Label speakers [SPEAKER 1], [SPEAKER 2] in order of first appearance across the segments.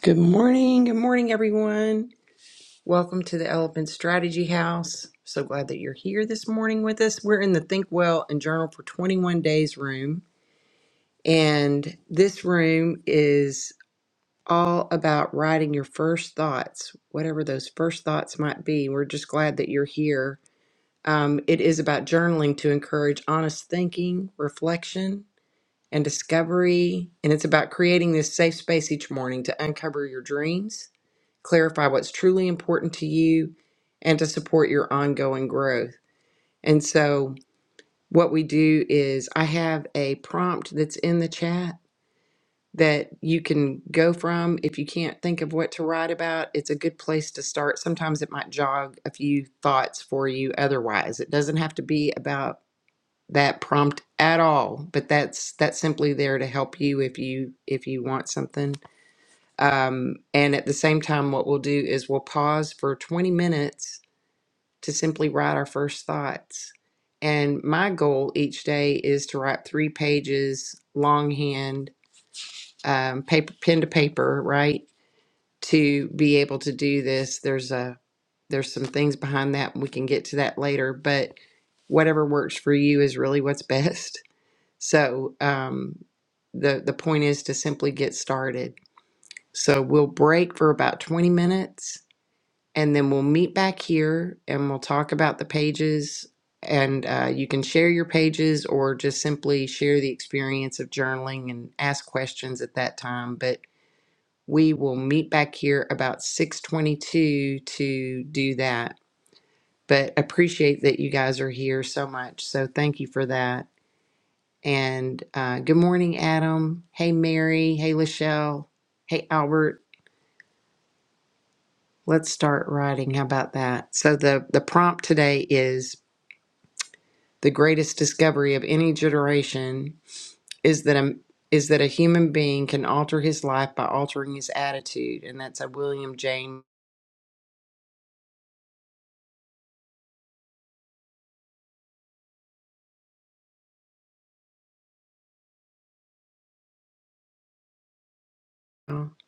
[SPEAKER 1] Good morning. Good morning, everyone. Welcome to the Elephant Strategy House. So glad that you're here this morning with us. We're in the Think Well and Journal for 21 Days room. And this room is all about writing your first thoughts, whatever those first thoughts might be. We're just glad that you're here. Um, it is about journaling to encourage honest thinking, reflection, and discovery. And it's about creating this safe space each morning to uncover your dreams clarify what's truly important to you, and to support your ongoing growth. And so, what we do is, I have a prompt that's in the chat that you can go from. If you can't think of what to write about, it's a good place to start. Sometimes it might jog a few thoughts for you otherwise. It doesn't have to be about that prompt at all but that's that's simply there to help you if you if you want something um, and at the same time, what we'll do is we'll pause for 20 minutes to simply write our first thoughts. And my goal each day is to write three pages longhand, um, paper, pen to paper, right? To be able to do this, there's a there's some things behind that. We can get to that later, but whatever works for you is really what's best. So um, the the point is to simply get started. So we'll break for about 20 minutes and then we'll meet back here and we'll talk about the pages. And uh, you can share your pages or just simply share the experience of journaling and ask questions at that time. But we will meet back here about 622 to do that. But appreciate that you guys are here so much. So thank you for that. And uh, good morning, Adam. Hey, Mary. Hey, Lachelle. Hey, Albert. Let's start writing. How about that? So the the prompt today is the greatest discovery of any generation is that a is that a human being can alter his life by altering his attitude, and that's a William James. Well,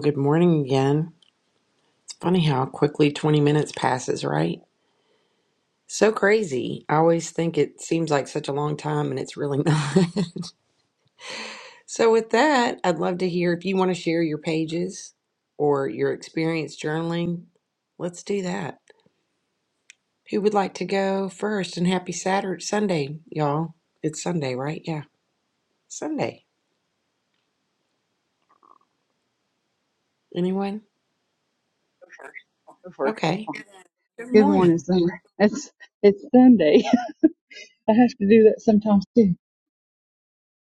[SPEAKER 1] good morning again. It's funny how quickly 20 minutes passes, right? So crazy. I always think it seems like such a long time, and it's really not. so, with that, I'd love to hear if you want to share your pages or your experience journaling. Let's do that. Who would like to go first? And happy Saturday, Sunday, y'all. It's Sunday, right? Yeah, Sunday. Anyone?
[SPEAKER 2] go first. It's
[SPEAKER 1] Okay.
[SPEAKER 2] fine.
[SPEAKER 1] Good
[SPEAKER 2] Good morning,
[SPEAKER 1] morning.
[SPEAKER 2] Summer. It's it's Sunday. I have to do that sometimes too.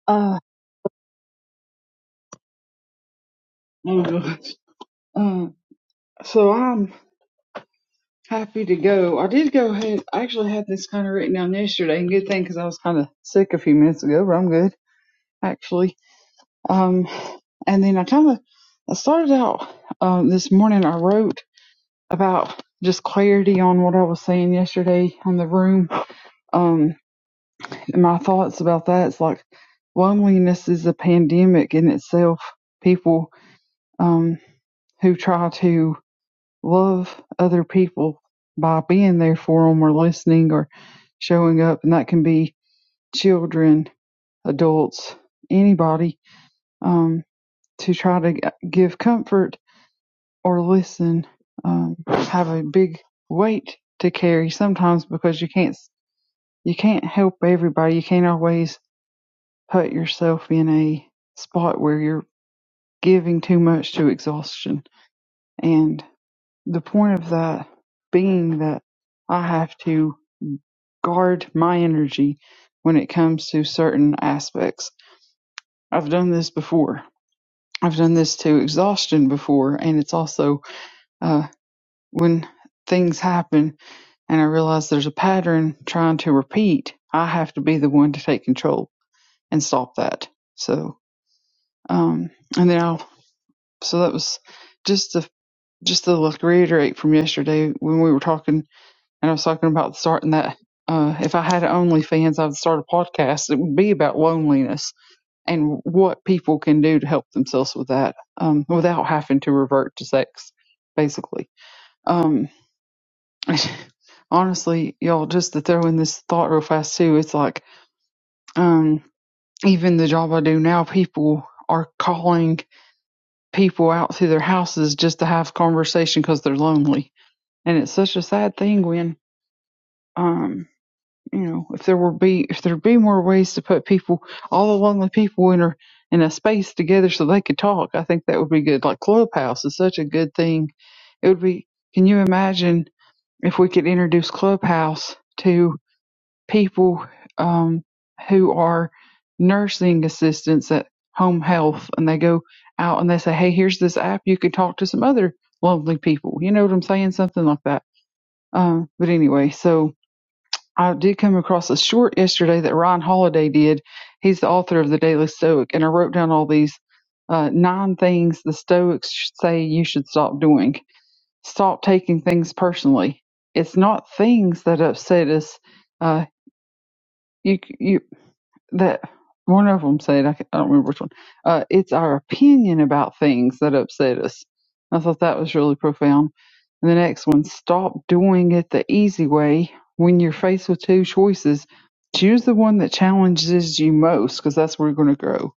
[SPEAKER 2] Ah. Uh, oh gosh. Uh, so I'm happy to go. I did go ahead. I actually had this kind of written down yesterday, and good thing because I was kind of sick a few minutes ago, but I'm good actually. Um, and then I kind of I started out um this morning. I wrote about just clarity on what I was saying yesterday on the room. Um, my thoughts about that is like loneliness is a pandemic in itself. People um, who try to love other people by being there for them or listening or showing up, and that can be children, adults, anybody, um, to try to g- give comfort or listen, um, have a big weight to carry sometimes because you can't you can't help everybody. You can't always put yourself in a spot where you're giving too much to exhaustion. And the point of that being that I have to guard my energy when it comes to certain aspects. I've done this before. I've done this to exhaustion before, and it's also uh, when things happen and I realize there's a pattern trying to repeat. I have to be the one to take control and stop that. So, um, and then I'll so that was just to just to like reiterate from yesterday when we were talking and I was talking about starting that uh if I had OnlyFans I'd start a podcast. It would be about loneliness and what people can do to help themselves with that, um, without having to revert to sex, basically. Um honestly, y'all just to throw in this thought real fast too, it's like um even the job I do now, people are calling people out to their houses just to have conversation because they're lonely and it's such a sad thing when um you know if there were be if there'd be more ways to put people all the lonely people in a in a space together so they could talk i think that would be good like clubhouse is such a good thing it would be can you imagine if we could introduce clubhouse to people um who are nursing assistants at home health and they go out and they say hey here's this app you could talk to some other lonely people you know what i'm saying something like that uh, but anyway, so I did come across a short yesterday that Ryan Holiday did. He's the author of the Daily Stoic, and I wrote down all these uh, nine things the Stoics sh- say you should stop doing. Stop taking things personally. It's not things that upset us. Uh, you, you that one of them said, I, ca- I don't remember which one, uh, it's our opinion about things that upset us. I thought that was really profound. And the next one, stop doing it the easy way. When you're faced with two choices, choose the one that challenges you most because that's where you're going to grow.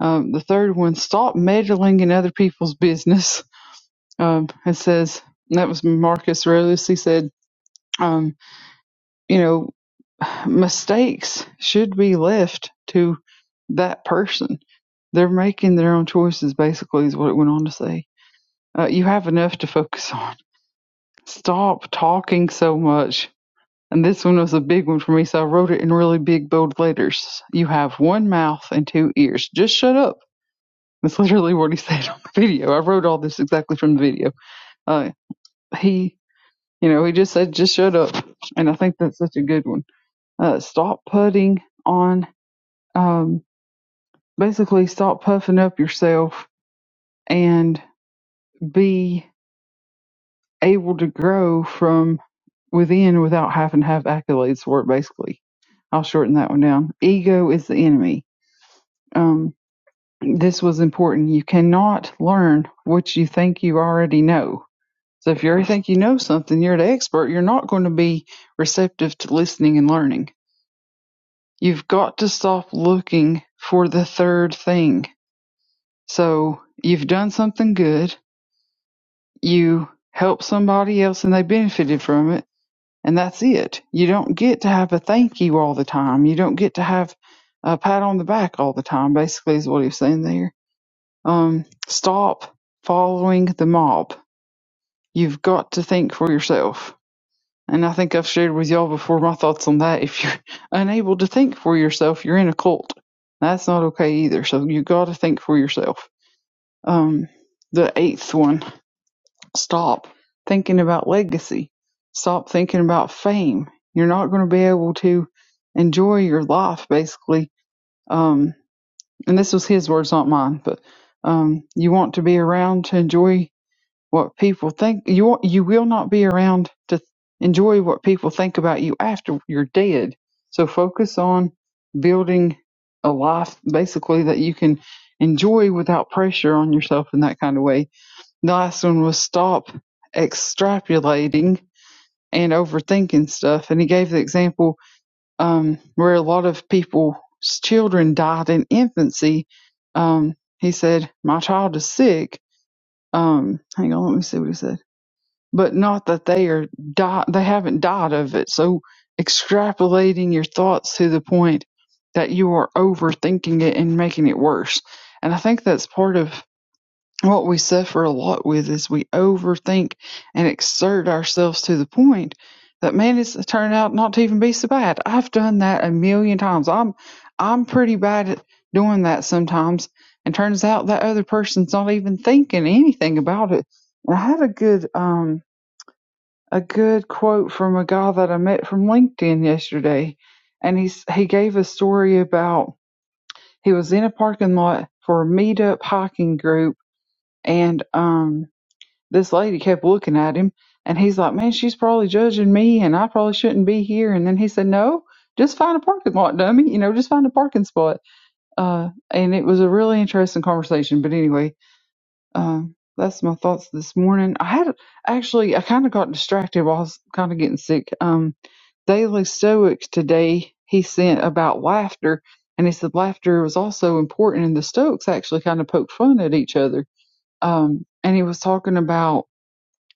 [SPEAKER 2] Um, the third one, stop meddling in other people's business. Um, it says, and that was Marcus Aurelius, he said, um, you know, mistakes should be left to that person they're making their own choices basically is what it went on to say uh, you have enough to focus on stop talking so much and this one was a big one for me so i wrote it in really big bold letters you have one mouth and two ears just shut up that's literally what he said on the video i wrote all this exactly from the video uh, he you know he just said just shut up and i think that's such a good one uh, stop putting on um, basically stop puffing up yourself and be able to grow from within without having to have accolades for it basically i'll shorten that one down ego is the enemy um, this was important you cannot learn what you think you already know so if you already think you know something you're the expert you're not going to be receptive to listening and learning you've got to stop looking for the third thing so you've done something good you help somebody else and they benefited from it and that's it. You don't get to have a thank you all the time. You don't get to have a pat on the back all the time. Basically, is what he's saying there. Um, stop following the mob. You've got to think for yourself. And I think I've shared with y'all before my thoughts on that. If you're unable to think for yourself, you're in a cult. That's not okay either. So you got to think for yourself. Um, the eighth one. Stop thinking about legacy. Stop thinking about fame. You're not going to be able to enjoy your life, basically. Um, and this was his words, not mine. But um, you want to be around to enjoy what people think. You want, you will not be around to enjoy what people think about you after you're dead. So focus on building a life, basically, that you can enjoy without pressure on yourself in that kind of way the last one was stop extrapolating and overthinking stuff. And he gave the example um, where a lot of people's children died in infancy. Um, he said, My child is sick. Um, hang on, let me see what he said. But not that they are di- they haven't died of it. So extrapolating your thoughts to the point that you are overthinking it and making it worse. And I think that's part of what we suffer a lot with is we overthink and exert ourselves to the point that man, it's turned out not to even be so bad. I've done that a million times. I'm I'm pretty bad at doing that sometimes, and turns out that other person's not even thinking anything about it. And I had a good um a good quote from a guy that I met from LinkedIn yesterday, and he's he gave a story about he was in a parking lot for a meetup hiking group, and um this lady kept looking at him and he's like, Man, she's probably judging me and I probably shouldn't be here. And then he said, No, just find a parking lot, dummy. You know, just find a parking spot. Uh, and it was a really interesting conversation. But anyway, um, that's my thoughts this morning. I had actually, I kind of got distracted while I was kind of getting sick. Um, Daily Stoics today, he sent about laughter. And he said laughter was also important. And the Stoics actually kind of poked fun at each other. Um, and he was talking about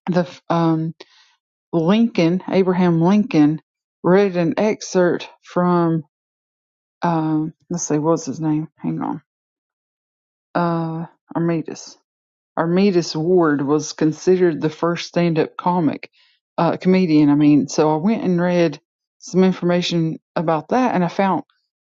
[SPEAKER 2] the um, Lincoln, Abraham Lincoln, read an excerpt from, um, let's see, what's his name? Hang on. Uh, Armidas. Armitage Ward was considered the first stand-up comic uh, comedian. I mean, so I went and read some information about that, and I found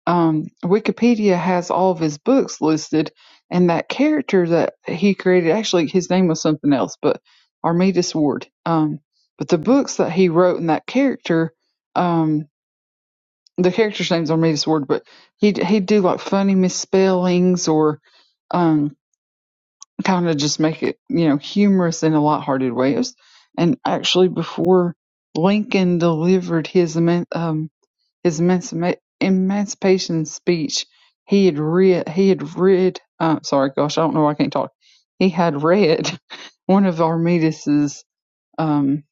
[SPEAKER 2] um, Wikipedia has all of his books listed, and that character that he created actually his name was something else, but Armitage Ward. Um, but the books that he wrote and that character, um, the character's name's Armitage Ward, but he he'd he'd do like funny misspellings or. Um, kind of just make it, you know, humorous in a lighthearted way. It was, and actually, before Lincoln delivered his eman- um his emancipa- emancipation speech, he had read he had read uh, sorry, gosh, I don't know why I can't talk. He had read one of Armidas's um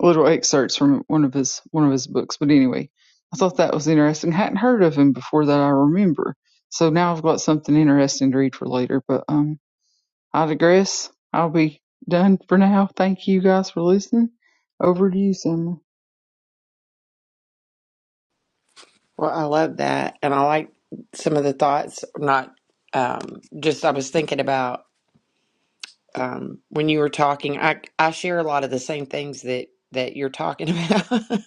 [SPEAKER 2] little excerpts from one of his one of his books. But anyway, I thought that was interesting. hadn't heard of him before that I remember. So now I've got something interesting to read for later. But um I digress. I'll be done for now. Thank you guys for listening. Over to you, Summer.
[SPEAKER 1] Well, I love that. And I like some of the thoughts, not um, just I was thinking about um, when you were talking, I, I share a lot of the same things that, that you're talking about.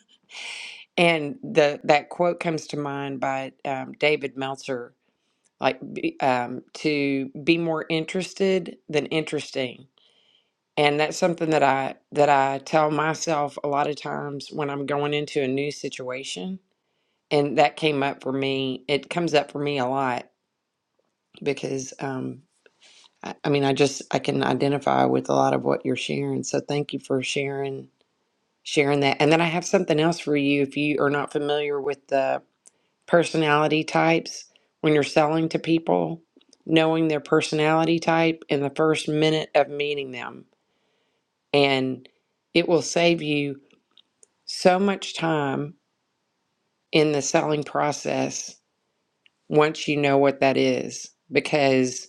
[SPEAKER 1] and the, that quote comes to mind by um, David Meltzer, like be- um, to be more interested than interesting. and that's something that i that i tell myself a lot of times when i'm going into a new situation and that came up for me it comes up for me a lot because um i, I mean i just i can identify with a lot of what you're sharing so thank you for sharing sharing that and then i have something else for you if you are not familiar with the personality types when you're selling to people knowing their personality type in the first minute of meeting them and it will save you so much time in the selling process once you know what that is because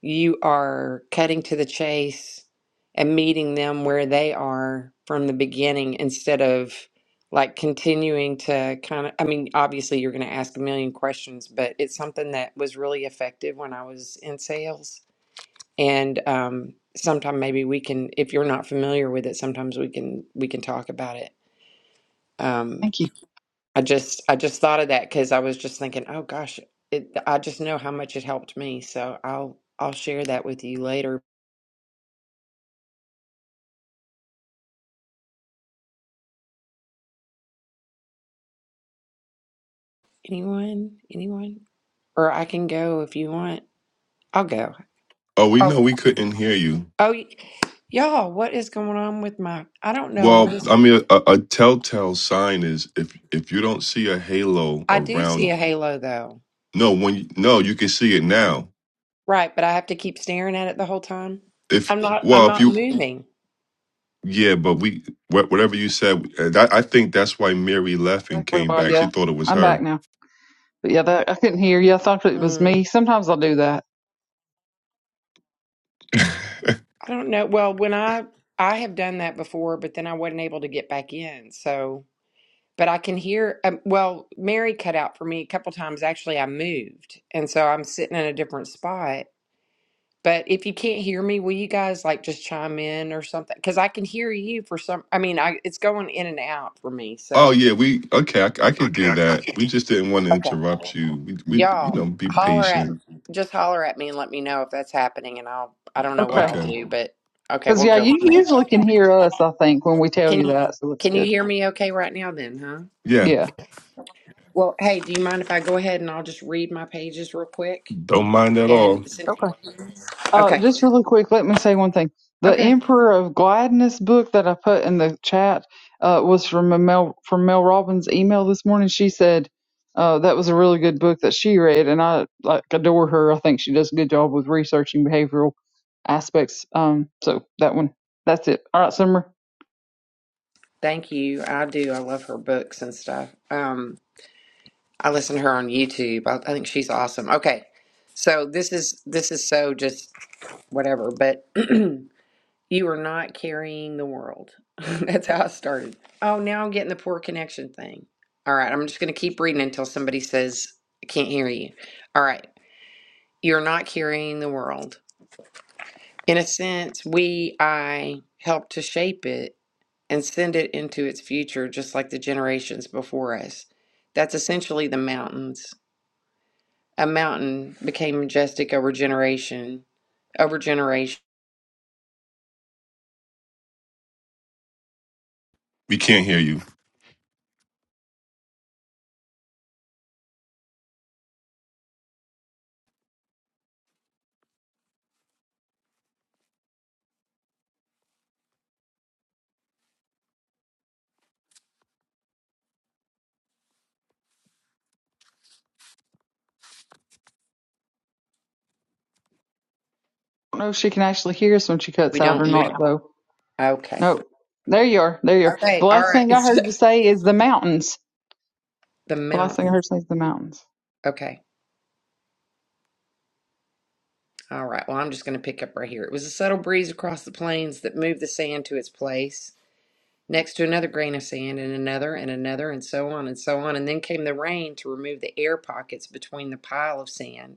[SPEAKER 1] you are cutting to the chase and meeting them where they are from the beginning instead of like continuing to kind of i mean obviously you're going to ask a million questions but it's something that was really effective when i was in sales and um sometime maybe we can if you're not familiar with it sometimes we can we can talk about it Um,
[SPEAKER 2] Thank you.
[SPEAKER 1] I just I just thought of that because I was just thinking, oh gosh, it, I just know how much it helped me. So I'll I'll share that with you later. Anyone? Anyone? Or I can go if you want. I'll go.
[SPEAKER 3] Oh, we
[SPEAKER 1] Oh
[SPEAKER 3] know we couldn't hear you.
[SPEAKER 1] oh y- y'all, what is going on with my? I don't know what
[SPEAKER 3] Well,
[SPEAKER 1] is. ha-
[SPEAKER 3] I mean, a, a telltale sign is if if you don't see a halo
[SPEAKER 1] I do see
[SPEAKER 3] around.
[SPEAKER 1] a halo though.
[SPEAKER 3] No, when you, no, you can see it now.
[SPEAKER 1] Right, but I have to keep staring at it the whole time.
[SPEAKER 3] If
[SPEAKER 1] I'm not I'm
[SPEAKER 3] well, if
[SPEAKER 1] not
[SPEAKER 3] you
[SPEAKER 1] moving.
[SPEAKER 3] yeah, but we wha- whatever you said, uh, that, I think that's why Mary left and
[SPEAKER 2] Exactly.
[SPEAKER 3] came
[SPEAKER 2] Well,
[SPEAKER 3] back.
[SPEAKER 2] yeah,
[SPEAKER 3] She thought it was
[SPEAKER 2] I'm back
[SPEAKER 3] her.
[SPEAKER 2] now. But yeah, that I couldn't hear you. I thought it was
[SPEAKER 1] Mm,
[SPEAKER 2] me. Sometimes I'll do that.
[SPEAKER 1] I don't know. Well, when I I have done that before, but then I wasn't able to get back in. So. but I can hear. Um, well, Mary cut out for me a couple times. Actually, I moved, and so I'm sitting in a different spot. But if you can't hear me, will you guys like just chime in or something? Because I can hear you for some. I mean, I it's going in and out for me.
[SPEAKER 3] Oh
[SPEAKER 1] So
[SPEAKER 3] yeah, we okay. I, c- I could do that. We
[SPEAKER 1] okay,
[SPEAKER 3] just didn't want to interrupt you. We we you know
[SPEAKER 1] y'all
[SPEAKER 3] be
[SPEAKER 1] holler at
[SPEAKER 3] patient.
[SPEAKER 1] just holler at me and let me know if that's happening, and I'll I don't know what I'll
[SPEAKER 2] Okay.
[SPEAKER 3] Okay,
[SPEAKER 1] do, but okay,
[SPEAKER 2] Because
[SPEAKER 1] we'll
[SPEAKER 2] yeah,
[SPEAKER 1] go
[SPEAKER 2] you
[SPEAKER 1] from there.
[SPEAKER 2] usually can hear us. I think when we tell
[SPEAKER 1] Can
[SPEAKER 2] you that, so it's
[SPEAKER 1] can you
[SPEAKER 2] good.
[SPEAKER 1] hear me okay right now then, huh?
[SPEAKER 3] yeah,
[SPEAKER 2] Yeah.
[SPEAKER 1] Well, hey, do you mind if I go ahead and I'll just read my pages real quick?
[SPEAKER 3] don't mind at all.
[SPEAKER 1] And since
[SPEAKER 2] Okay. Uh,
[SPEAKER 1] Okay.
[SPEAKER 2] just really quick, let me say one thing. The
[SPEAKER 1] Okay.
[SPEAKER 2] Emperor of Gladness book that I put in the chat uh, was from a Mel from Mel Robbins' email this morning. She said uh, that was a really good book that she read, and I like adore her. I think she does a good job with researching behavioral aspects. Um, so that one, that's it. All right, Summer.
[SPEAKER 1] Thank you. I do. I love her books and stuff. Um, I listen to her on YouTube. I, I think she's awesome. Okay. So this is this is so just whatever, but you are not carrying the world. That's how I started. Oh, now I'm getting the poor connection thing. All right, I'm just going to keep reading until somebody says I can't hear you. All right. You're not carrying the world. In a sense, we I help to shape it and send it into its future, just like the generations before us. That's essentially the mountains. A mountain became majestic over generation, over generation.
[SPEAKER 3] We can't hear you.
[SPEAKER 2] I don't know if she can actually hear us when she
[SPEAKER 1] We
[SPEAKER 2] cuts out
[SPEAKER 1] don't
[SPEAKER 2] or
[SPEAKER 1] move.
[SPEAKER 2] not, though.
[SPEAKER 1] Okay.
[SPEAKER 2] No, there you are. There you
[SPEAKER 1] All
[SPEAKER 2] are. The
[SPEAKER 1] right. All
[SPEAKER 2] last
[SPEAKER 1] right.
[SPEAKER 2] thing I heard you say is the mountains.
[SPEAKER 1] the
[SPEAKER 2] The last thing I
[SPEAKER 1] mountain.
[SPEAKER 2] heard you say is the mountains.
[SPEAKER 1] Okay. All right. Well, I'm just going to pick up right here. It was a subtle breeze across the plains that moved the sand to its place, next to another grain of sand, and another, and another, and so on, and so on. And then came the rain to remove the air pockets between the pile of sand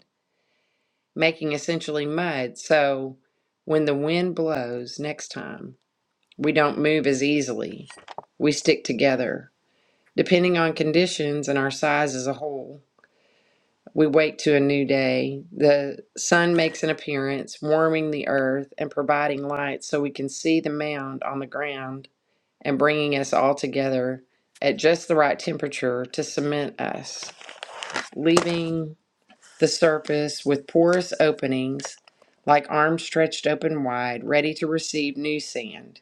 [SPEAKER 1] making essentially mud. So when the wind blows next time, we don't move as easily. We stick together. Depending on conditions and our size as a whole, we wake to a new day. The sun makes an appearance, warming the earth and providing light so we can see the mound on the ground and bringing us all together at just the right temperature to cement us, leaving the surface with porous openings, like arms stretched open wide, ready to receive new sand.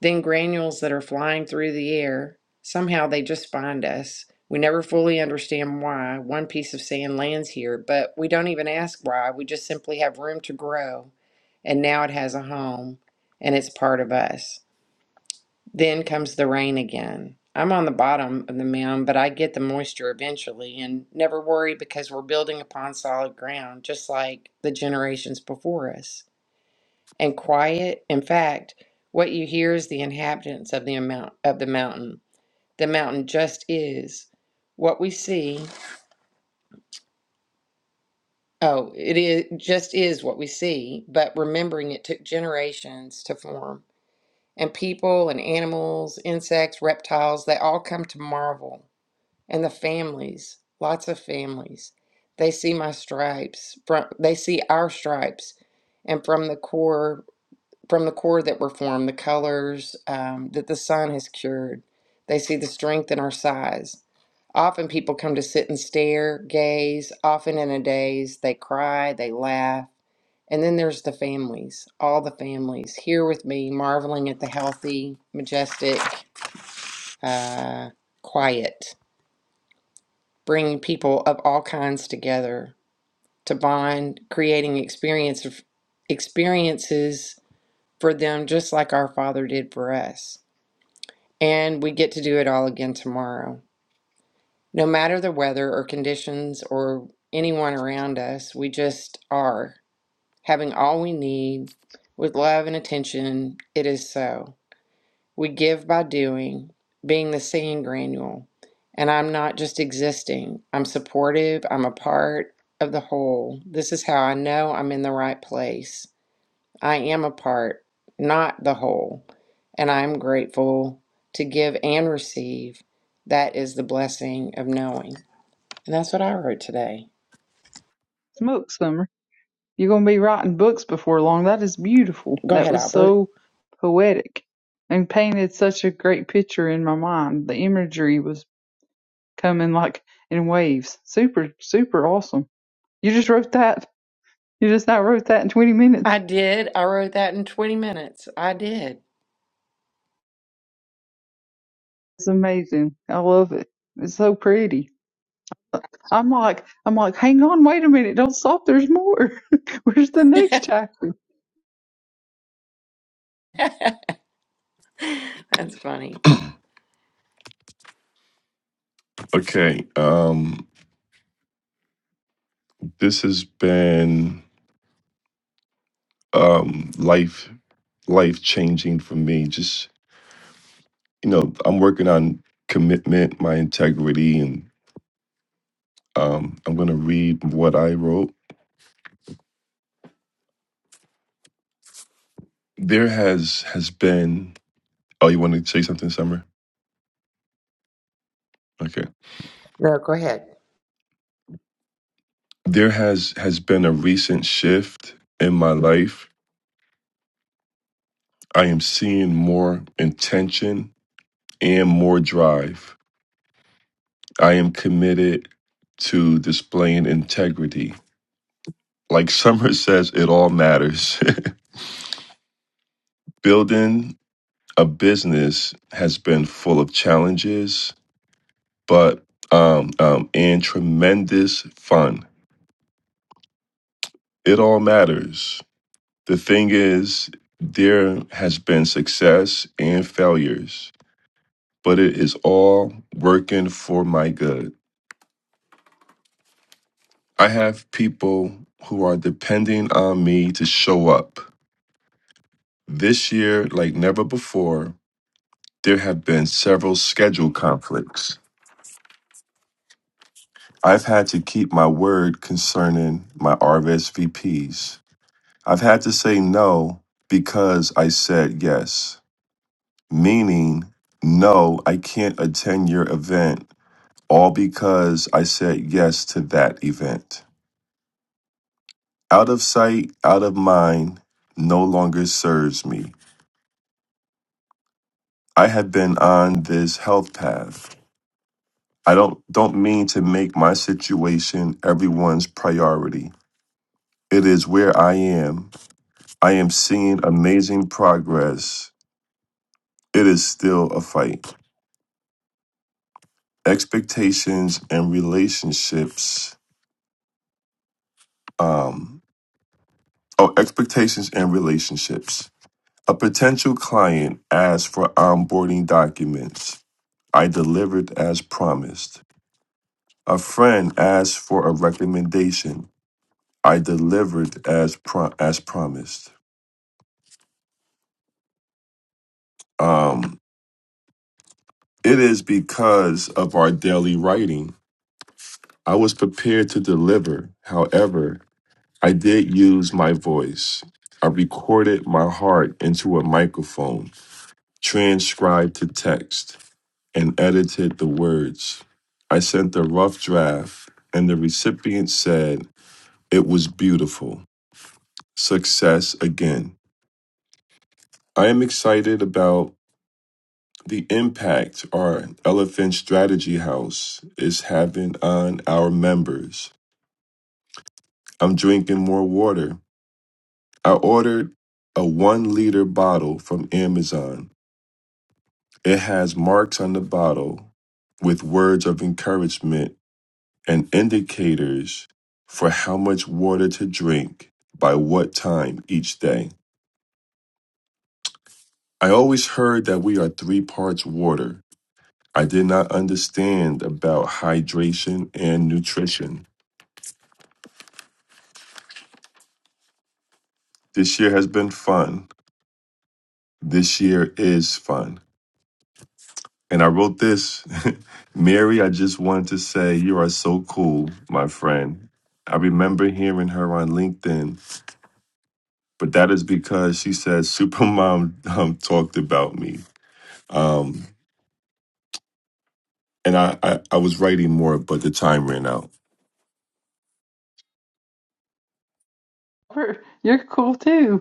[SPEAKER 1] Then granules that are flying through the air. Somehow they just find us. We never fully understand why one piece of sand lands here, but we don't even ask why. We just simply have room to grow, and now it has a home, and it's part of us. Then comes the rain again. I'm on the bottom of the mound, but I get the moisture eventually and never worry because we're building upon solid ground, just like the generations before us. And quiet, in fact, what you hear is the inhabitants of the amount of the mountain. The mountain just is what we see. Oh, it is just is what we see, but remembering it took generations to form. And people and animals, insects, reptiles, they all come to marvel and the families, lots of families. They see my stripes, from, they see our stripes, and from the core, from the core that were formed, the colors um, that the sun has cured. They see the strength in our size. Often people come to sit and stare, gaze. Often in a daze, they cry, they laugh, and then there's the families, all the families here with me, marveling at the healthy, majestic, uh, quiet bringing people of all kinds together to bond, creating experience experiences for them just like our Father did for us. And we get to do it all again tomorrow. No matter the weather or conditions or anyone around us, we just are having all we need with love and attention. It is so. We give by doing, being the singing granule. And I'm not just existing, I'm supportive, I'm a part of the whole. This is how I know I'm in the right place. I am a part, not the whole. And I'm grateful to give and receive. That is the blessing of knowing. And that's what I wrote today.
[SPEAKER 2] Smoke, Summer. You're going to be writing books before long. That is beautiful.
[SPEAKER 1] Go
[SPEAKER 2] That
[SPEAKER 1] ahead,
[SPEAKER 2] was
[SPEAKER 1] Albert.
[SPEAKER 2] so poetic and painted such a great picture in my mind. The imagery was coming like in waves. Super, super awesome. You just wrote that. You just now wrote that in 20 minutes.
[SPEAKER 1] I did. I wrote that in 20 minutes. I did.
[SPEAKER 2] It's amazing. I love it. It's so pretty. I'm like, I'm like, hang on, wait a minute, don't stop. There's more. Where's the next chapter?
[SPEAKER 1] that's funny.
[SPEAKER 3] Okay, um, this has been. um, life life changing for me. Just you know, I'm working on commitment, my integrity, and um, I'm going to read what I wrote. There has has been. Oh, you want to say something, Summer? Okay.
[SPEAKER 1] No, go ahead.
[SPEAKER 3] There has has been a recent shift in my life. I am seeing more intention and more drive. I am committed to displaying integrity. Like Summer says, it all matters. building a business has been full of challenges, but um, um, and tremendous fun. It all matters. The thing is, there has been success and failures, but it is all working for my good. I have people who are depending on me to show up. This year, like never before, there have been several schedule conflicts I've had to keep my word concerning my RSVPs. I've had to say no because I said yes, meaning, no, I can't attend your event, all because I said yes to that event. Out of sight, out of mind, no longer serves me. I have been on this health path. I don't don't mean to make my situation everyone's priority. It is where I am I am seeing amazing progress. It is still a fight. Expectations and relationships. Um, oh, expectations and relationships. A potential client asked for onboarding documents. I delivered as promised. A friend asked for a recommendation. I delivered as pro- as promised. Um, it is because of our daily writing. I was prepared to deliver. However, I did use my voice. I recorded my heart into a microphone, transcribed to text, and edited the words. I sent a rough draft, and the recipient said it was beautiful. Success again. I am excited about the impact our Elephant Strategy House is having on our members. I'm drinking more water. I ordered a one liter bottle from Amazon It has marks on the bottle with words of encouragement and indicators for how much water to drink by what time each day. I always heard that we are three parts water. I did not understand about hydration and nutrition. This year has been fun. This year is fun. And I wrote this Mary, I just wanted to say you are so cool, my friend. I remember hearing her on LinkedIn but that is because she said Supermom um, talked about me. Um, and I, I, I was writing more, but the time ran out.
[SPEAKER 2] You're cool too.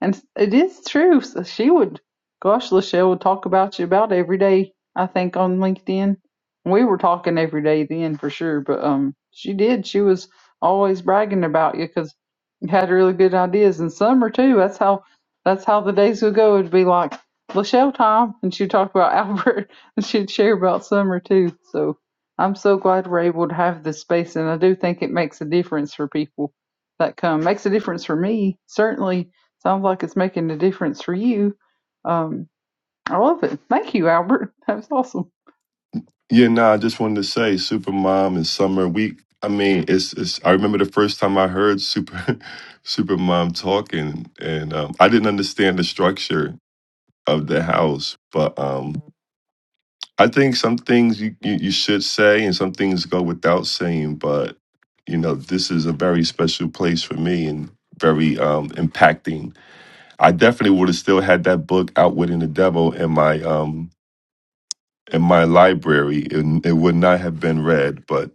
[SPEAKER 2] And it is true. So she would, gosh, Lachelle would talk about you about every day, I think, on LinkedIn. We were talking every day then for sure, but um, she did. She was always bragging about you because you had really good ideas. And summer too. That's how that's how the days would go. It'd be like Lachelle time, and she'd talk about Albert, and she'd share about summer too. So I'm so glad we're able to have this space, and I do think it makes a difference for people that come. Makes a difference for me certainly Sounds like it's making a difference for you. Um, I love it. Thank you, Albert. That was awesome.
[SPEAKER 3] Yeah, nah, I just wanted to say Supermom and Summer, we, I mean, it's, it's I remember the first time I heard Super Supermom talking, and um, I didn't understand the structure of the house, but um, I think some things you, you, you should say and some things go without saying, but you know, this is a very special place for me and very um, impacting I definitely would have still had that book Outwitting the Devil in my um in my library. It, it would not have been read. But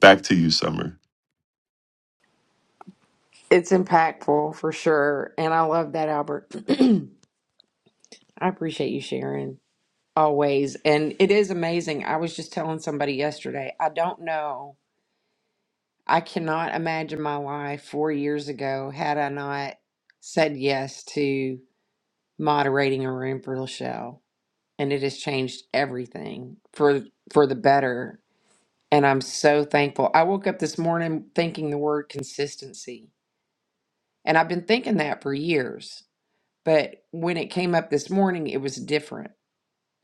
[SPEAKER 3] back to you, Summer.
[SPEAKER 1] It's impactful for sure. And I love that, Albert. I appreciate you sharing always. And it is amazing. I was just telling somebody yesterday, I don't know. I cannot imagine my life four years ago had I not said yes to moderating a room for Lachelle. And it has changed everything for for the better. And I'm so thankful. I woke up this morning thinking the word consistency. And I've been thinking that for years But when it came up this morning, it was different,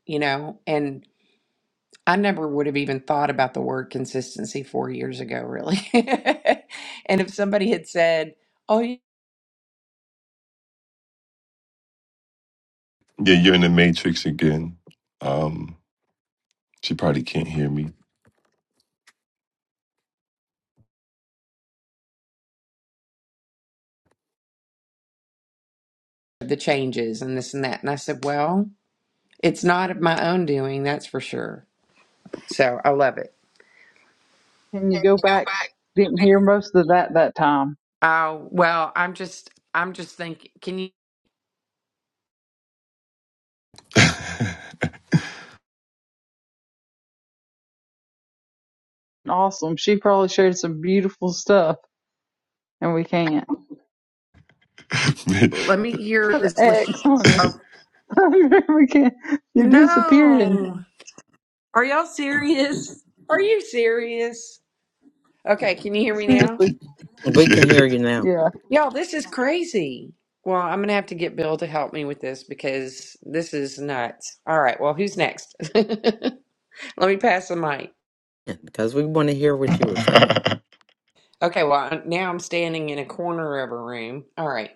[SPEAKER 1] you know? And I never would have even thought about the word consistency four years ago, really. and if somebody had said, oh, you
[SPEAKER 3] Yeah, you're in the Matrix again. Um, she probably can't hear me.
[SPEAKER 1] know, the changes and this and that, and I said, well, it's not of my own doing, that's for sure. So I love it.
[SPEAKER 2] Can you go
[SPEAKER 1] Go
[SPEAKER 2] back?
[SPEAKER 1] back.
[SPEAKER 2] Didn't hear most of that that time.
[SPEAKER 1] Oh, well, I'm just, I'm just thinking, can you
[SPEAKER 2] Awesome. She probably shared some beautiful stuff, and we can't
[SPEAKER 3] yeah.
[SPEAKER 1] let me hear
[SPEAKER 2] put an
[SPEAKER 1] this? list-
[SPEAKER 2] X on her.
[SPEAKER 1] Oh,
[SPEAKER 2] we can't. You're disappearing.
[SPEAKER 1] no. Are y'all serious? Are you serious? Okay, can you hear me now?
[SPEAKER 2] Seriously.
[SPEAKER 4] We can hear you now
[SPEAKER 2] Yeah.
[SPEAKER 1] Y'all, this is crazy. Well, I'm going to have to get Bill to help me with this because this is nuts. All right, well, who's next? Let me pass the mic.
[SPEAKER 4] because we want to hear what you were saying.
[SPEAKER 1] Okay, well, I- now I'm standing in a corner of a room. All right.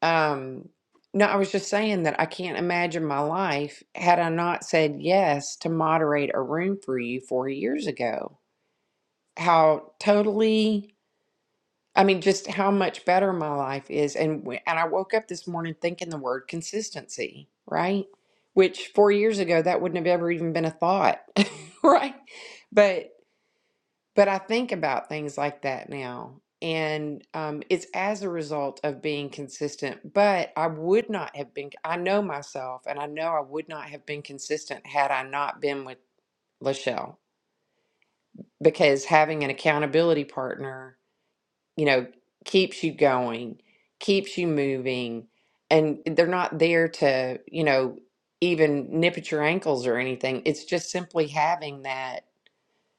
[SPEAKER 1] Um, no, I was just saying that I can't imagine my life had I not said yes to moderate a room for you four years ago. How totally I mean, just how much better my life is. And w- and I woke up this morning thinking the word consistency, right? Which four years ago that wouldn't have ever even been a thought, right? But but I think about things like that now. And um, it's as a result of being consistent. But I would not have been, I know myself, and I know I would not have been consistent had I not been with Lachelle. Because having an accountability partner you know, keeps you going, keeps you moving, and they're not there to, you know, even nip at your ankles or anything. It's just simply having that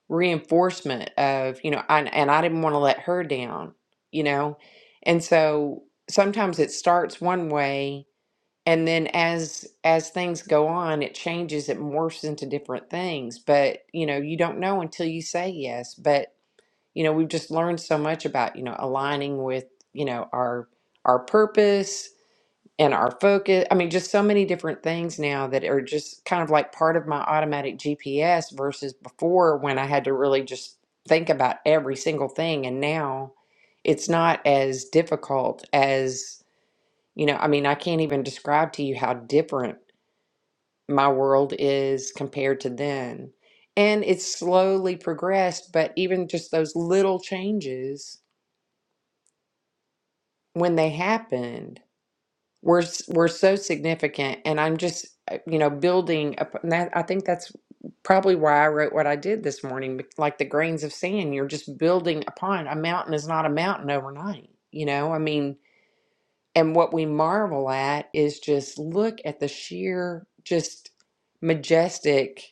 [SPEAKER 1] reinforcement of, you know, I, and I didn't want to let her down, you know? And so sometimes it starts one way and then as as things go on it changes it morphs into different things but you know you don't know until you say yes but you know we've just learned so much about you know aligning with you know our our purpose and our focus i mean just so many different things now that are just kind of like part of my automatic gps versus before when i had to really just think about every single thing and now it's not as difficult as you know i mean i can't even describe to you how different my world is compared to then and it's slowly progressed but even just those little changes when they happened were s- were so significant and i'm just uh, you know building up and that i think that's probably why i wrote what i did this morning bec- like the grains of sand you're just building upon a mountain is not a mountain overnight you know i mean and what we marvel at is just look at the sheer just majestic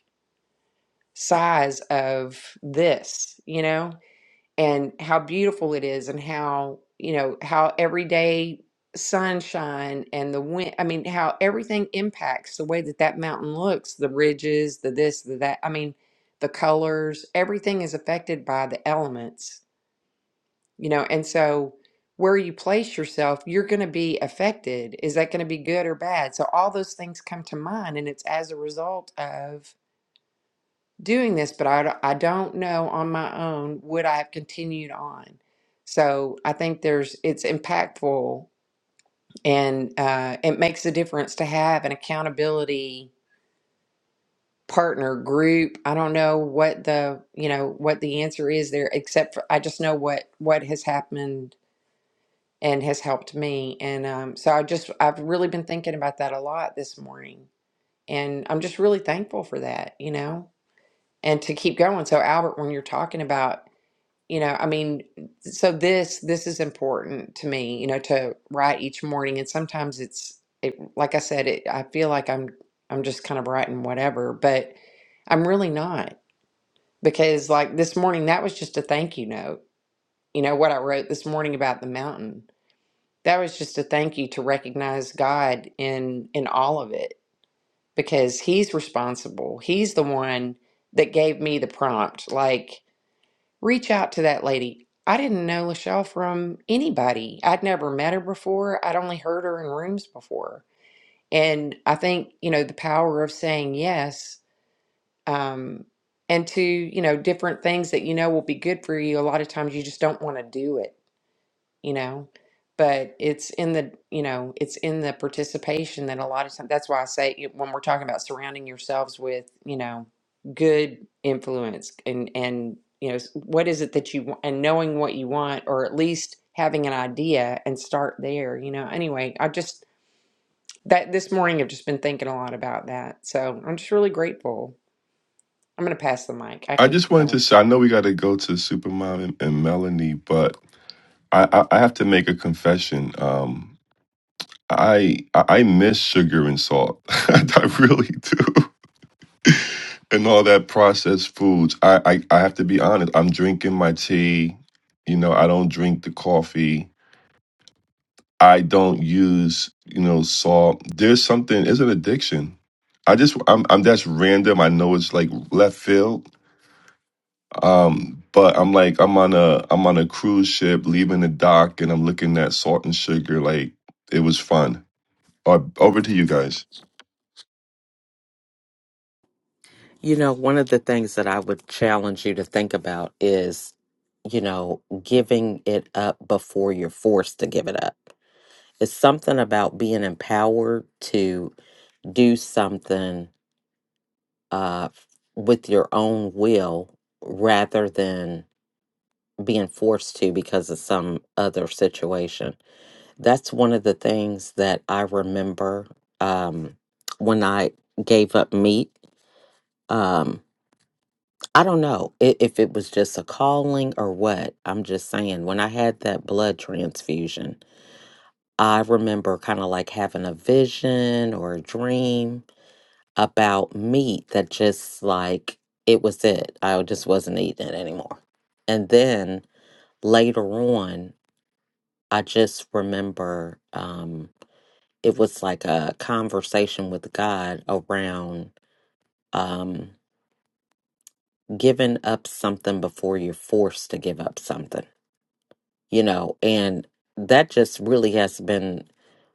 [SPEAKER 1] size of this you know and how beautiful it is and how you know how everyday sunshine and the wind i mean how everything impacts the way that that mountain looks the ridges the this the that i mean the colors everything is affected by the elements you know and so where you place yourself you're going to be affected is that going to be good or bad so all those things come to mind and it's as a result of doing this, but I I d- I don't know on my own would I have continued on. So I think there's it's impactful and uh, it makes a difference to have an accountability partner group. I don't know what the you know what the answer is there, except for I just know what what has happened and has helped me. And um, so I just I've really been thinking about that a lot this morning, and I'm just really thankful for that. You know, and to keep going. So Albert, when you're talking about You know, I mean, so this this is important to me, you know, to write each morning and sometimes it's it like I said, it I feel like I'm I'm just kind of writing whatever, but I'm really not because like this morning that was just a thank you note. You know what I wrote this morning about the mountain. That was just a thank you to recognize God in in all of it because he's responsible. He's the one that gave me the prompt like reach out to that lady. I didn't know Lachelle from anybody. I'd never met her before. I'd only heard her in rooms before. And I think, you know, the power of saying yes um, and to, you know, different things that you know will be good for you, a lot of times you just don't want to do it you know but it's in the you know it's in the participation that a lot of times that's why i say you- when we're talking about surrounding yourselves with you know good influence and and you know s- what is it that you want and knowing what you want or at least having an idea and start there you know anyway i just that this morning i've just been thinking a lot about that so i'm just really grateful i'm going to pass the mic i
[SPEAKER 3] I
[SPEAKER 1] can
[SPEAKER 3] just
[SPEAKER 1] keep going
[SPEAKER 3] wanted to say I know we got to go to Supermom and, and Melanie, but I, I I have to make a confession. Um, I I I miss sugar and salt. I really do. and all that processed foods. I, I I have to be honest. I'm drinking my tea. You know, I don't drink the coffee. I don't use you know salt. There's something. It's an addiction. I just I'm I'm that's random. I know it's like left field. Um, but I'm like I'm on a I'm on a cruise ship leaving the dock, and I'm looking at salt and sugar. Like it was fun. Uh, over to you guys.
[SPEAKER 4] You know, one of the things that I would challenge you to think about is, you know, giving it up before you're forced to give it up. It's something about being empowered to do something uh, with your own will rather than being forced to because of some other situation. That's one of the things that I remember um, when I gave up meat Um, I don't know i- if it was just a calling or what. I'm just saying, when I had that blood transfusion, I remember kind of like having a vision or a dream about meat that just like it was it. I just wasn't eating it anymore. And then later on, I just remember um, it was like a conversation with God around um, giving up something before you're forced to give up something. you know, and that just really has been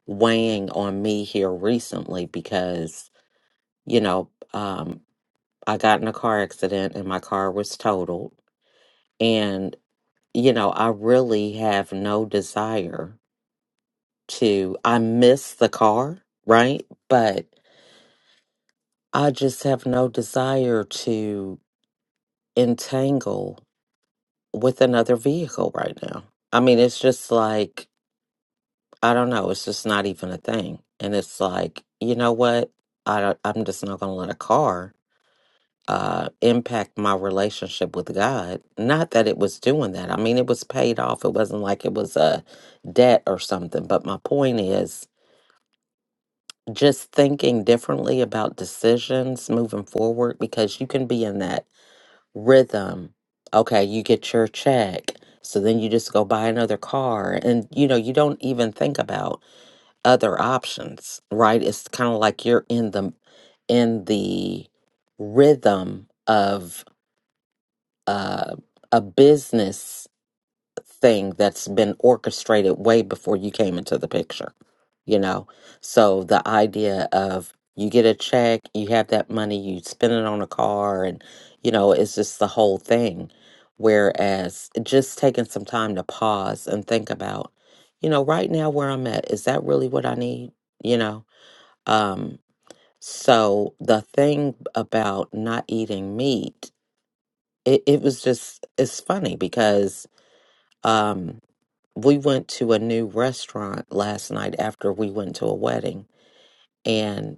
[SPEAKER 4] weighing on me here recently because, you know, um, I got in a car accident and my car was totaled. And, you know, I really have no desire to, I miss the car, right? But I just have no desire to entangle with another vehicle right now. I mean, it's just like, I don't know. It's just not even a thing. And it's like, you know what? I don't, I'm just not going to let a car uh, impact my relationship with God. Not that it was doing that. I mean, it was paid off. It wasn't like it was a debt or something. But my point is just thinking differently about decisions moving forward because you can be in that rhythm. Okay, you get your check. So then you just go buy another car. And, you know, you don't even think about other options, right? It's kind of like you're in the in the rhythm of uh, a business thing that's been orchestrated way before you came into the picture, you know? So the idea of you get a check, you have that money, you spend it on a car, and, you know, it's just the whole thing. Whereas just taking some time to pause and think about, you know, right now where I'm at, is that really what I need? You know? Um, so the thing about not eating meat, it, it was just, it's funny because um, we went to a new restaurant last night after we went to a wedding, and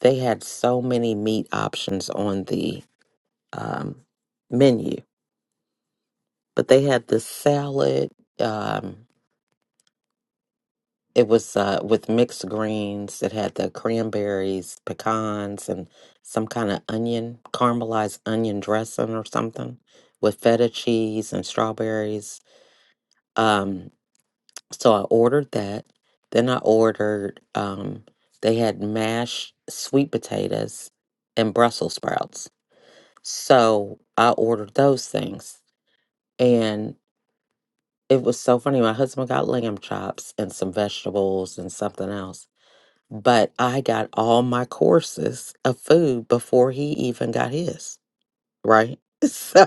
[SPEAKER 4] they had so many meat options on the um, menu, but they had the salad. Um, It was uh, with mixed greens. It had the cranberries, pecans, and some kind of onion, caramelized onion dressing or something with feta cheese and strawberries. Um, so I ordered that. Then I ordered, um, they had mashed sweet potatoes and Brussels sprouts. So I ordered those things. And it was so funny. My husband got lamb chops and some vegetables and something else but I got all my courses of food before he even got his, right? So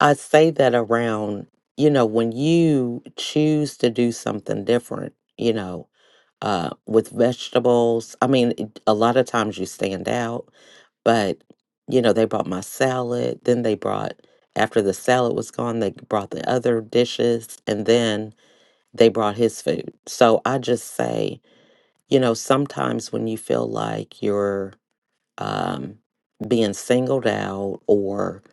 [SPEAKER 4] I say that around, you know, when you choose to do something different, you know, uh, with vegetables, I mean, it- a lot of times you stand out, but, you know, they brought my salad, then they brought, after the salad was gone, they brought the other dishes, and then they brought his food. So I just say, you know, sometimes when you feel like you're um, being singled out or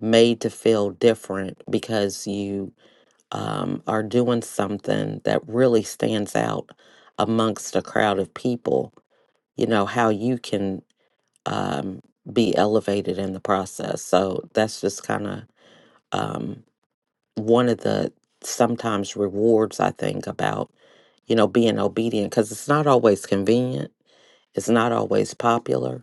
[SPEAKER 4] made to feel different because you um, are doing something that really stands out amongst a crowd of people, you know, how you can um, be elevated in the process. So that's just kind of um, one of the sometimes rewards I think about, you know, being obedient because it's not always convenient It's not always popular,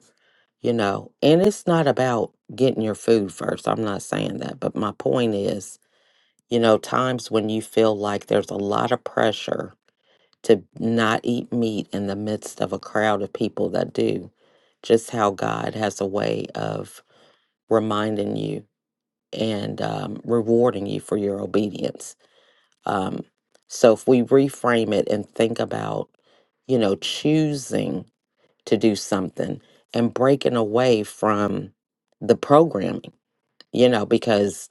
[SPEAKER 4] you know, and it's not about getting your food first. I'm not saying that, but my point is, you know, times when you feel like there's a lot of pressure to not eat meat in the midst of a crowd of people that do, just how God has a way of reminding you and um, rewarding you for your obedience. Um, so if we reframe it and think about, you know, choosing to do something and breaking away from the programming, you know, because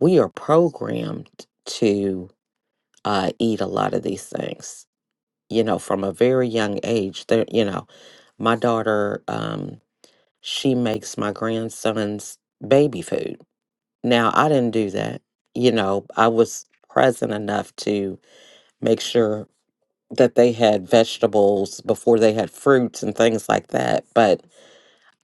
[SPEAKER 4] we are programmed to uh, eat a lot of these things, you know, from a very young age. There, you know, my daughter, um, she makes my grandson's baby food. Now, I didn't do that. You know, I was present enough to make sure that they had vegetables before they had fruits and things like that. But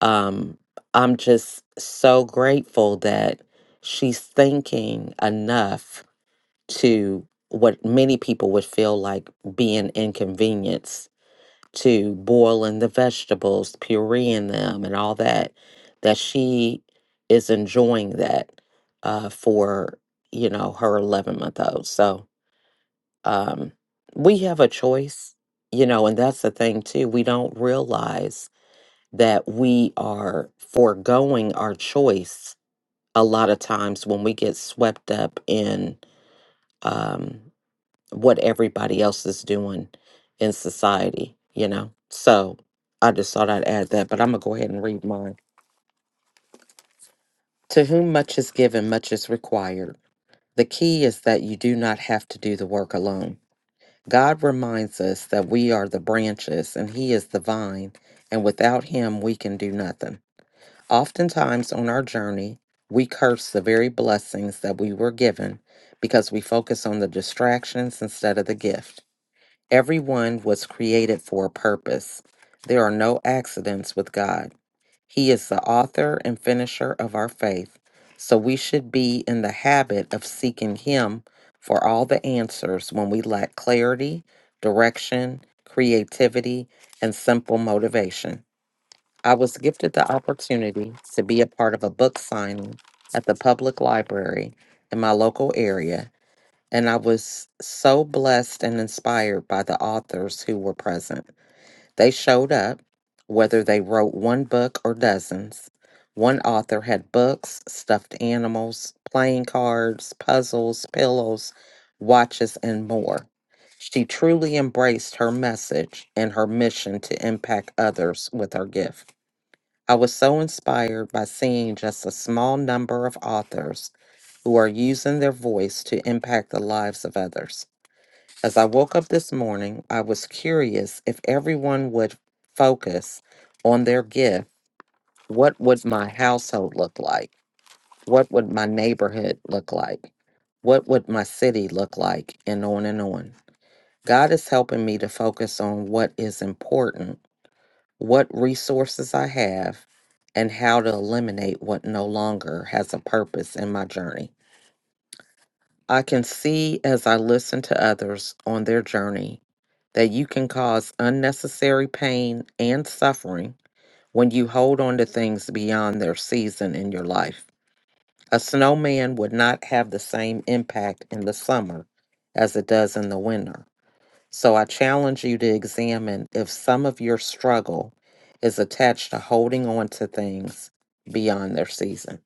[SPEAKER 4] um, I'm just so grateful that she's thinking enough to what many people would feel like being inconvenienced to boiling the vegetables, pureeing them, and all that, that she is enjoying that uh, for, you know, her 11 month old. So um, we have a choice, you know, and that's the thing too. We don't realize that we are foregoing our choice a lot of times when we get swept up in um, what everybody else is doing in society, you know? So I just thought I'd add that, but I'm going to go ahead and read mine. To whom much is given, much is required. The key is that you do not have to do the work alone. God reminds us that we are the branches and He is the vine, and without Him, we can do nothing. Oftentimes on our journey, we curse the very blessings that we were given because we focus on the distractions instead of the gift. Everyone was created for a purpose. There are no accidents with God. He is the author and finisher of our faith. So we should be in the habit of seeking Him for all the answers when we lack clarity, direction, creativity, and simple motivation. I was gifted the opportunity to be a part of a book signing at the public library in my local area, and I was so blessed and inspired by the authors who were present. They showed up, whether they wrote one book or dozens. One author had books, stuffed animals, playing cards, puzzles, pillows, watches, and more. She truly embraced her message and her mission to impact others with her gift. I was so inspired by seeing just a small number of authors who are using their voice to impact the lives of others. As I woke up this morning, I was curious if everyone would focus on their gift, what would my household look like? What would my neighborhood look like? What would my city look like? And on and on. God is helping me to focus on what is important what resources I have, and how to eliminate what no longer has a purpose in my journey. I can see as I listen to others on their journey that you can cause unnecessary pain and suffering when you hold on to things beyond their season in your life. A snowman would not have the same impact in the summer as it does in the winter. So I challenge you to examine if some of your struggle is attached to holding on to things beyond their season.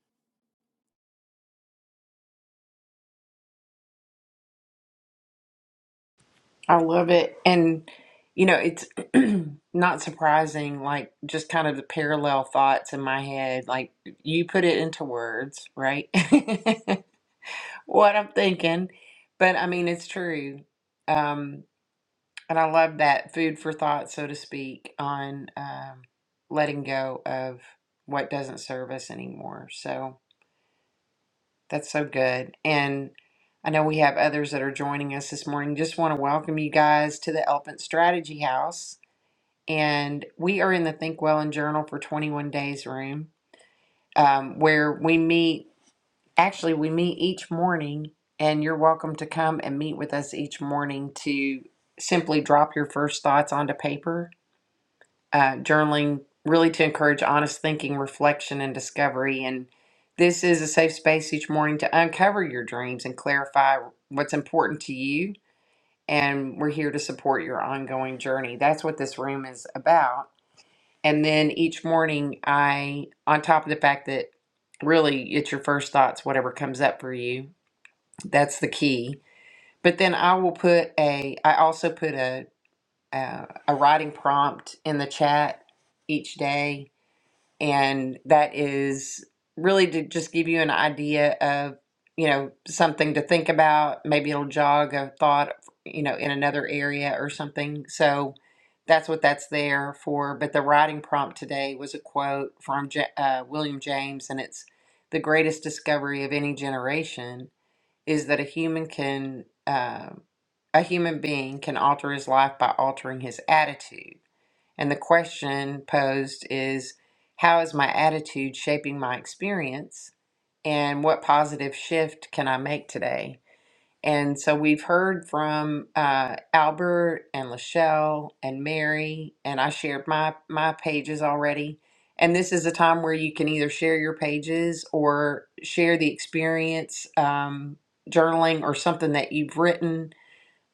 [SPEAKER 1] I love it. And, you know, it's not surprising, like, just kind of the parallel thoughts in my head. Like, you put it into words, right? What I'm thinking. But I mean, it's true. Um, and I love that food for thought, so to speak, on um, letting go of what doesn't serve us anymore. So, that's so good. And I know we have others that are joining us this morning. Just want to welcome you guys to the Elephant Strategy House. And we are in the Think Well and Journal for 21 Days room, um, where we meet. Actually, we meet each morning, and you're welcome to come and meet with us each morning to simply drop your first thoughts onto paper uh, journaling really to encourage honest thinking, reflection, and discovery. And this is a safe space each morning to uncover your dreams and clarify what's important to you. And we're here to support your ongoing journey. That's what this room is about. And then each morning, I, on top of the fact that really it's your first thoughts, whatever comes up for you, that's the key. But then I will put a, I also put a, a, a writing prompt in the chat each day and that is really to just give you an idea of you know something to think about maybe it'll jog a thought you know in another area or something so that's what that's there for but the writing prompt today was a quote from Ja- uh, william james and it's the greatest discovery of any generation is that a human can uh, a human being can alter his life by altering his attitude and the question posed is How is my attitude shaping my experience? And what positive shift can I make today? And so we've heard from uh, Albert and Lachelle and Mary, and I shared my, my pages already. And this is a time where you can either share your pages or share the experience, um, journaling, or something that you've written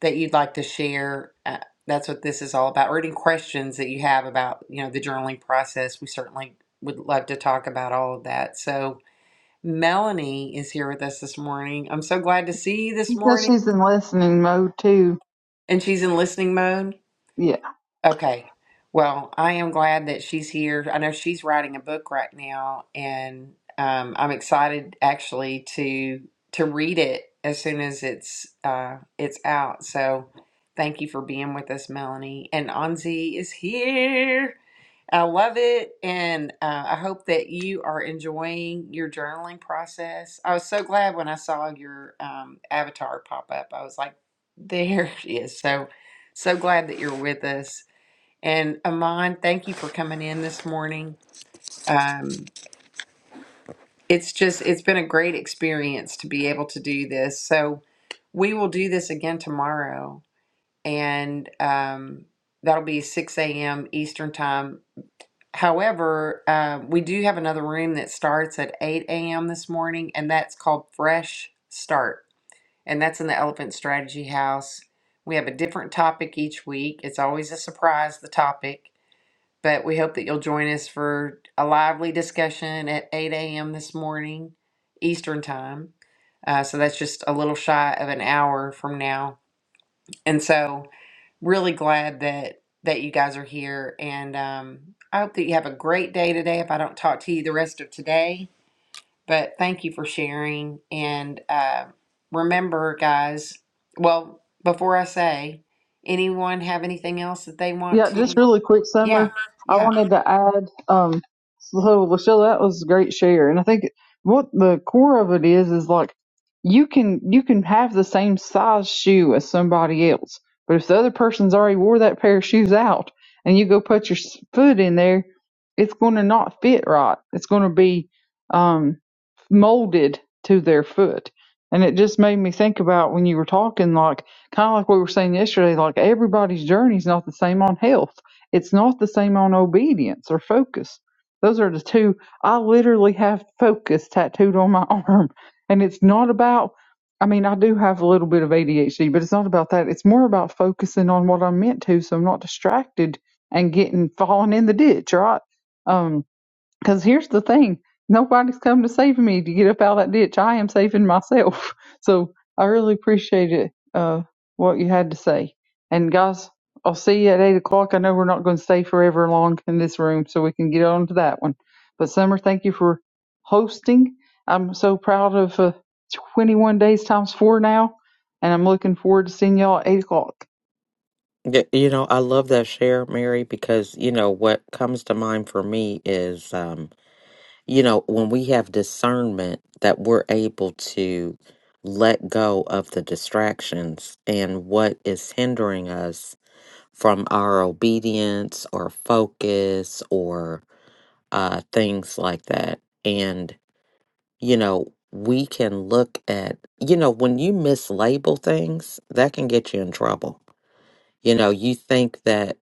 [SPEAKER 1] that you'd like to share. Uh, that's what this is all about, or any questions that you have about, you know, the journaling process. We certainly would love to talk about all of that. So Melanie is here with us this morning. I'm so glad to see you this
[SPEAKER 2] She says
[SPEAKER 1] morning.
[SPEAKER 2] she's in listening mode too.
[SPEAKER 1] And she's in listening mode.
[SPEAKER 2] Yeah.
[SPEAKER 1] Okay. Well, I am glad that she's here. I know she's writing a book right now, and um, I'm excited actually to to read it as soon as it's uh, it's out. So, thank you for being with us, Melanie. And Anzi is here. I love it, and uh, I hope that you are enjoying your journaling process. I was so glad when I saw your um, avatar pop up. I was like, "There she is!" So, so glad that you're with us. And Amon, thank you for coming in this morning. Um, it's just, it's been a great experience to be able to do this. So we will do this again tomorrow, and um, that'll be 6 a.m. Eastern Time. However, uh, we do have another room that starts at 8 a.m. this morning, and that's called Fresh Start. And that's in the Elephant Strategy House. We have a different topic each week. It's always a surprise, the topic But we hope that you'll join us for a lively discussion at 8 a.m. this morning, Eastern Time. Uh, so that's just a little shy of an hour from now. And so, really glad that that you guys are here. And um, I hope that you have a great day today. If I don't talk to you the rest of today, but thank you for sharing. And uh, remember, guys. Well, before I say, anyone have anything else that they want
[SPEAKER 2] Yeah,
[SPEAKER 1] to?
[SPEAKER 2] just really quick,
[SPEAKER 1] Yeah,
[SPEAKER 2] Summer. I
[SPEAKER 1] yeah.
[SPEAKER 2] wanted to add, um, so Lachelle, that was a great share, and I think what the core of it is is like you can you can have the same size shoe as somebody else, but if the other person's already wore that pair of shoes out, and you go put your s- foot in there, it's going to not fit right. It's going to be um, molded to their foot, and it just made me think about when you were talking, like Kind of like we were saying yesterday, like everybody's journey is not the same on health. It's not the same on obedience or focus. Those are the two. I literally have focus tattooed on my arm. And it's not about, I mean, I do have a little bit of ADHD, but it's not about that. It's more about focusing on what I'm meant to so I'm not distracted and getting falling in the ditch, right? Um, because here's the thing nobody's come to save me to get up out of that ditch. I am saving myself. So I really appreciate it, uh, what you had to say. And guys, I'll see you at 8 o'clock. I know we're not going to stay forever long in this room, so we can get on to that one. But Summer, thank you for hosting. I'm so proud of uh, 21 days times four now, and I'm looking forward to seeing y'all at 8 o'clock.
[SPEAKER 4] Y- You know, I love that share, Mary, because, you know, what comes to mind for me is, um, you know, when we have discernment that we're able to let go of the distractions and what is hindering us from our obedience or focus or uh, things like that. And you know, we can look at, you know, when you mislabel things, that can get you in trouble. You know, you think that,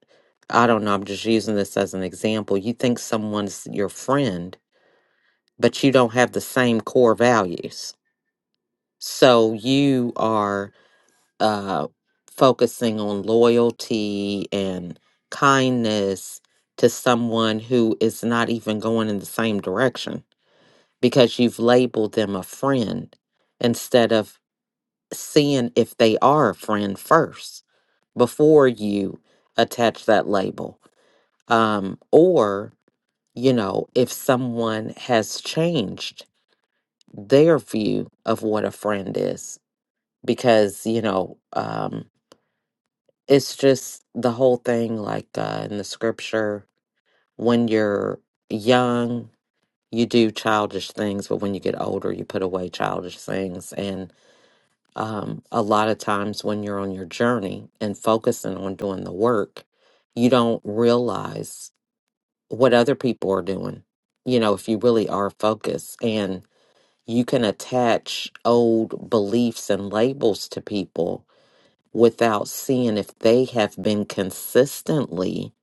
[SPEAKER 4] I don't know, I'm just using this as an example. You think someone's your friend, but you don't have the same core values. So you are uh, focusing on loyalty and kindness to someone who is not even going in the same direction because you've labeled them a friend instead of seeing if they are a friend first before you attach that label. Um, or, you know, if someone has changed their view of what a friend is, because, you know, um, it's just the whole thing like uh, in the scripture when you're young, you do childish things, but when you get older, you put away childish things. and. um, a lot of times when you're on your journey and focusing on doing the work, you don't realize what other people are doing. You know, if you really are focused and you can attach old beliefs and labels to people without seeing if they have been consistently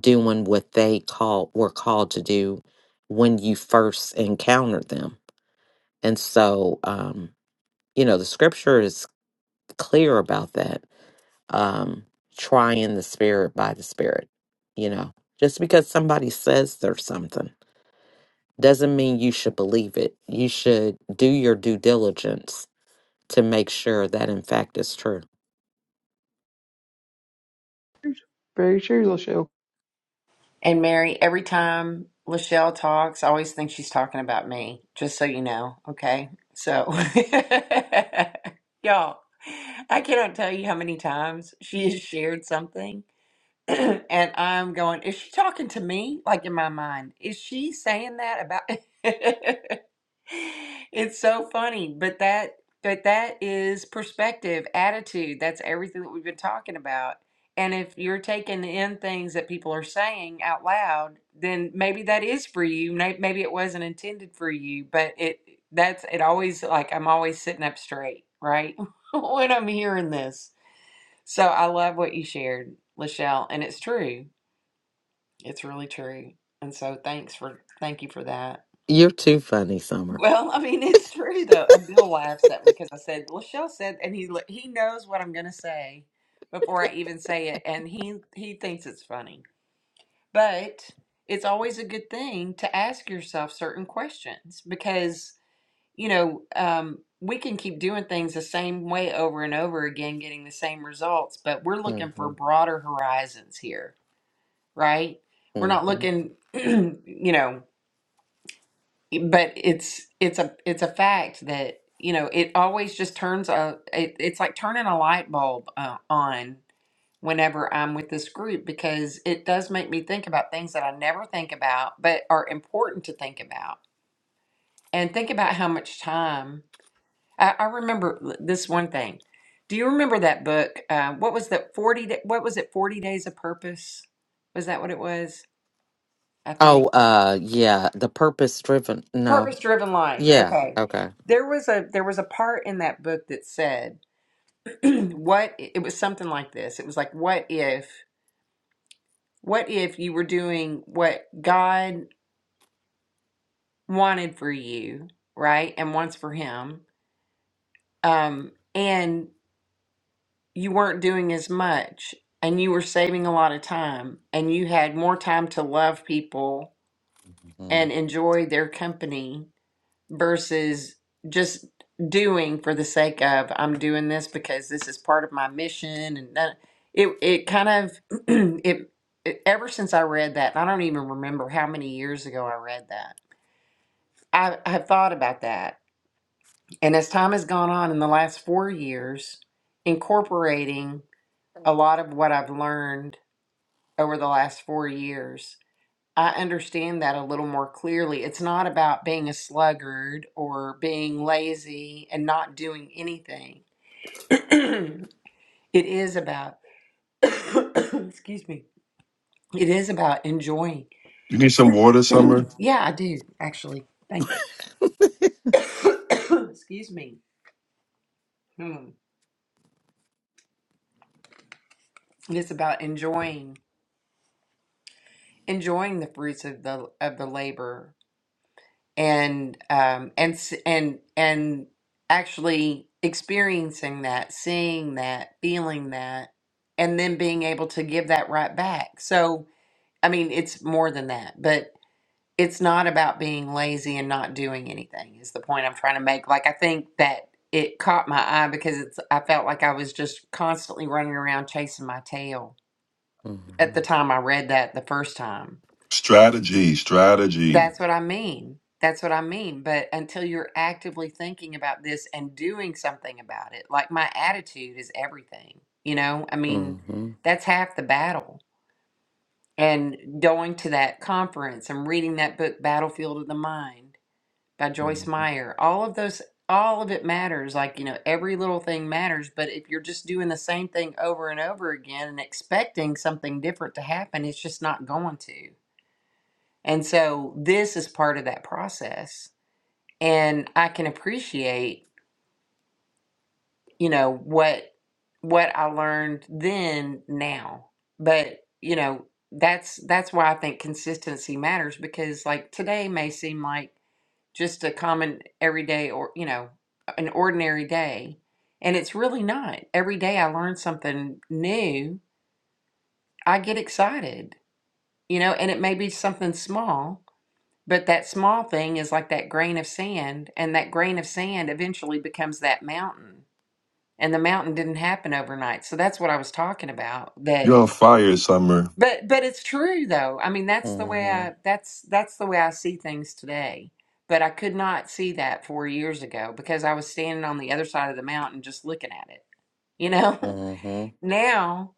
[SPEAKER 4] doing what they call were called to do when you first encountered them. And so, um, you know, the scripture is clear about that um, trying the spirit by the spirit. You know, just because somebody says there's something doesn't mean you should believe it. You should do your due diligence to make sure that in fact it's true.
[SPEAKER 2] Very sure, you'll show.
[SPEAKER 1] And Mary, every time Lachelle talks, I always think she's talking about me, just so you know, okay? So, y'all, I cannot tell you how many times she has shared something. and I'm going, is she talking to me? Like in my mind, is she saying that about? it's so funny, but that but that is perspective, attitude. That's everything that we've been talking about. And if you're taking in things that people are saying out loud, then maybe that is for you. May- Maybe it wasn't intended for you, but it that's it always like I'm always sitting up straight, right? when I'm hearing this. So I love what you shared, Lachelle, and it's true. It's really true. And so thanks for thank you for that.
[SPEAKER 4] You're too funny, Summer.
[SPEAKER 1] Well, I mean, it's true though. And Bill laughs at me because I said Lachelle said, and he he knows what I'm going to say before I even say it, and he he thinks it's funny. But it's always a good thing to ask yourself certain questions because you know um, we can keep doing things the same way over and over again, getting the same results, but we're
[SPEAKER 4] hmm
[SPEAKER 1] looking for broader horizons here right? We're not
[SPEAKER 4] hmm
[SPEAKER 1] looking, you know, but it's it's a it's a fact that you know it always just turns a it, it's like turning a light bulb uh, on whenever I'm with this group because it does make me think about things that I never think about but are important to think about and think about how much time I, I remember l- this one thing. Do you remember that book? Uh, what was that forty? da- What was it? Forty Days of Purpose? Was that what it was? I think.
[SPEAKER 4] Oh, uh, yeah, the purpose driven.
[SPEAKER 1] purpose
[SPEAKER 4] No,
[SPEAKER 1] driven life
[SPEAKER 4] yeah,
[SPEAKER 1] okay
[SPEAKER 4] okay.
[SPEAKER 1] there was a there was a part in that book that said what it was something like this it was like what if what if you were doing what god wanted for you right and wants for him um and you weren't doing as much and you were saving a lot of time and you had more time to love people
[SPEAKER 4] hmm
[SPEAKER 1] and enjoy their company versus just doing for the sake of I'm doing this because this is part of my mission and that it it kind of it, it ever since I read that and I don't even remember how many years ago I read that I, I have thought about that and as time has gone on in the last four years incorporating a lot of what I've learned over the last four years I understand that a little more clearly. It's not about being a sluggard or being lazy and not doing anything. it is about, excuse me, it is about enjoying.
[SPEAKER 3] You need some water, Summer.
[SPEAKER 1] yeah, I do, actually. Thank you. excuse me. Hmm. It's about enjoying enjoying the fruits of the of the labor and um and s- and and actually experiencing that seeing that feeling that and then being able to give that right back so i mean it's more than that but it's not about being lazy and not doing anything is the point i'm trying to make like i think that it caught my eye because it's i felt like i was just constantly running around chasing my tail
[SPEAKER 4] hmm
[SPEAKER 1] at the time i read that the first time
[SPEAKER 3] Strategy, strategy.
[SPEAKER 1] That's what I mean. That's what I mean. But until you're actively thinking about this and doing something about it, like my attitude is everything, you know? I
[SPEAKER 4] hmm
[SPEAKER 1] mean,
[SPEAKER 4] hmm
[SPEAKER 1] that's half the battle. And going to that conference and reading that book, Battlefield of the Mind by
[SPEAKER 4] hmm
[SPEAKER 1] Joyce Meyer, all of those, all of it matters. Like, you know, every little thing matters. But if you're just doing the same thing over and over again and expecting something different to happen, it's just not going to. And so this is part of that process and I can appreciate, you know, what what I learned then now. But, you know, that's that's why I think consistency matters because like today may seem like just a common everyday or, you know, an ordinary day, and it's really not. Every day I learn something new, I get excited, you know, and it may be something small, but that small thing is like that grain of sand, and that grain of sand eventually becomes that mountain and the mountain didn't happen overnight so that's what i was talking about that
[SPEAKER 3] You're on fire, Summer.
[SPEAKER 1] but but it's true though i mean that's the way i that's that's the way i see things today but i could not see that four years ago because i was standing on the other side of the mountain just looking at it you know
[SPEAKER 4] hmm
[SPEAKER 1] now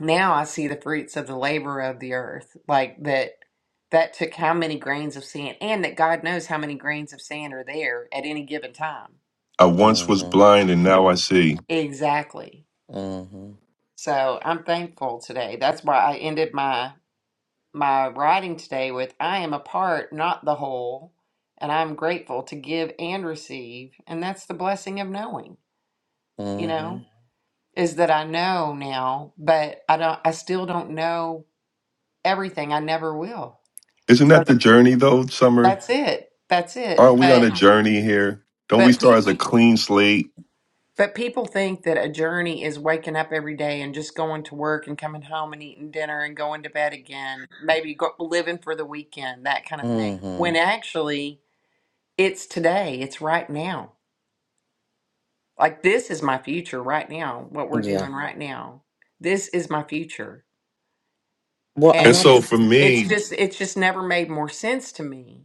[SPEAKER 1] now i see the fruits of the labor of the earth like that that took how many grains of sand and that god knows how many grains of sand are there at any given time
[SPEAKER 3] I once was
[SPEAKER 4] hmm
[SPEAKER 3] blind and now I see.
[SPEAKER 1] exactly
[SPEAKER 4] hmm
[SPEAKER 1] So I'm thankful today. That's why I ended my my writing today with I am a part, not the whole, and I'm grateful to give and receive. And that's the blessing of knowing, you
[SPEAKER 4] Mm-hmm.
[SPEAKER 1] know, is that I know now, but I don't I still don't know everything. I never will.
[SPEAKER 3] Isn't
[SPEAKER 1] So
[SPEAKER 3] that the
[SPEAKER 1] that-
[SPEAKER 3] journey though, Summer?
[SPEAKER 1] that's it. That's it.
[SPEAKER 3] Aren't we on
[SPEAKER 1] But
[SPEAKER 3] a journey here? Don't we
[SPEAKER 1] but
[SPEAKER 3] start
[SPEAKER 1] people
[SPEAKER 3] as a clean slate?
[SPEAKER 1] But people think that a journey is waking up every day and just going to work and coming home and eating dinner and going to bed again, maybe go, living for the weekend, that kind of thing. When
[SPEAKER 4] Mm-hmm.
[SPEAKER 1] actually, it's today, it's right now. Like, this is my future right now, what we're
[SPEAKER 4] Yeah.
[SPEAKER 1] doing right now. This is my future.
[SPEAKER 4] Well, and
[SPEAKER 3] And
[SPEAKER 1] And
[SPEAKER 4] I
[SPEAKER 3] so
[SPEAKER 1] it's,
[SPEAKER 4] th-
[SPEAKER 3] for
[SPEAKER 1] it's
[SPEAKER 3] me,
[SPEAKER 1] just, it's just never made more sense to me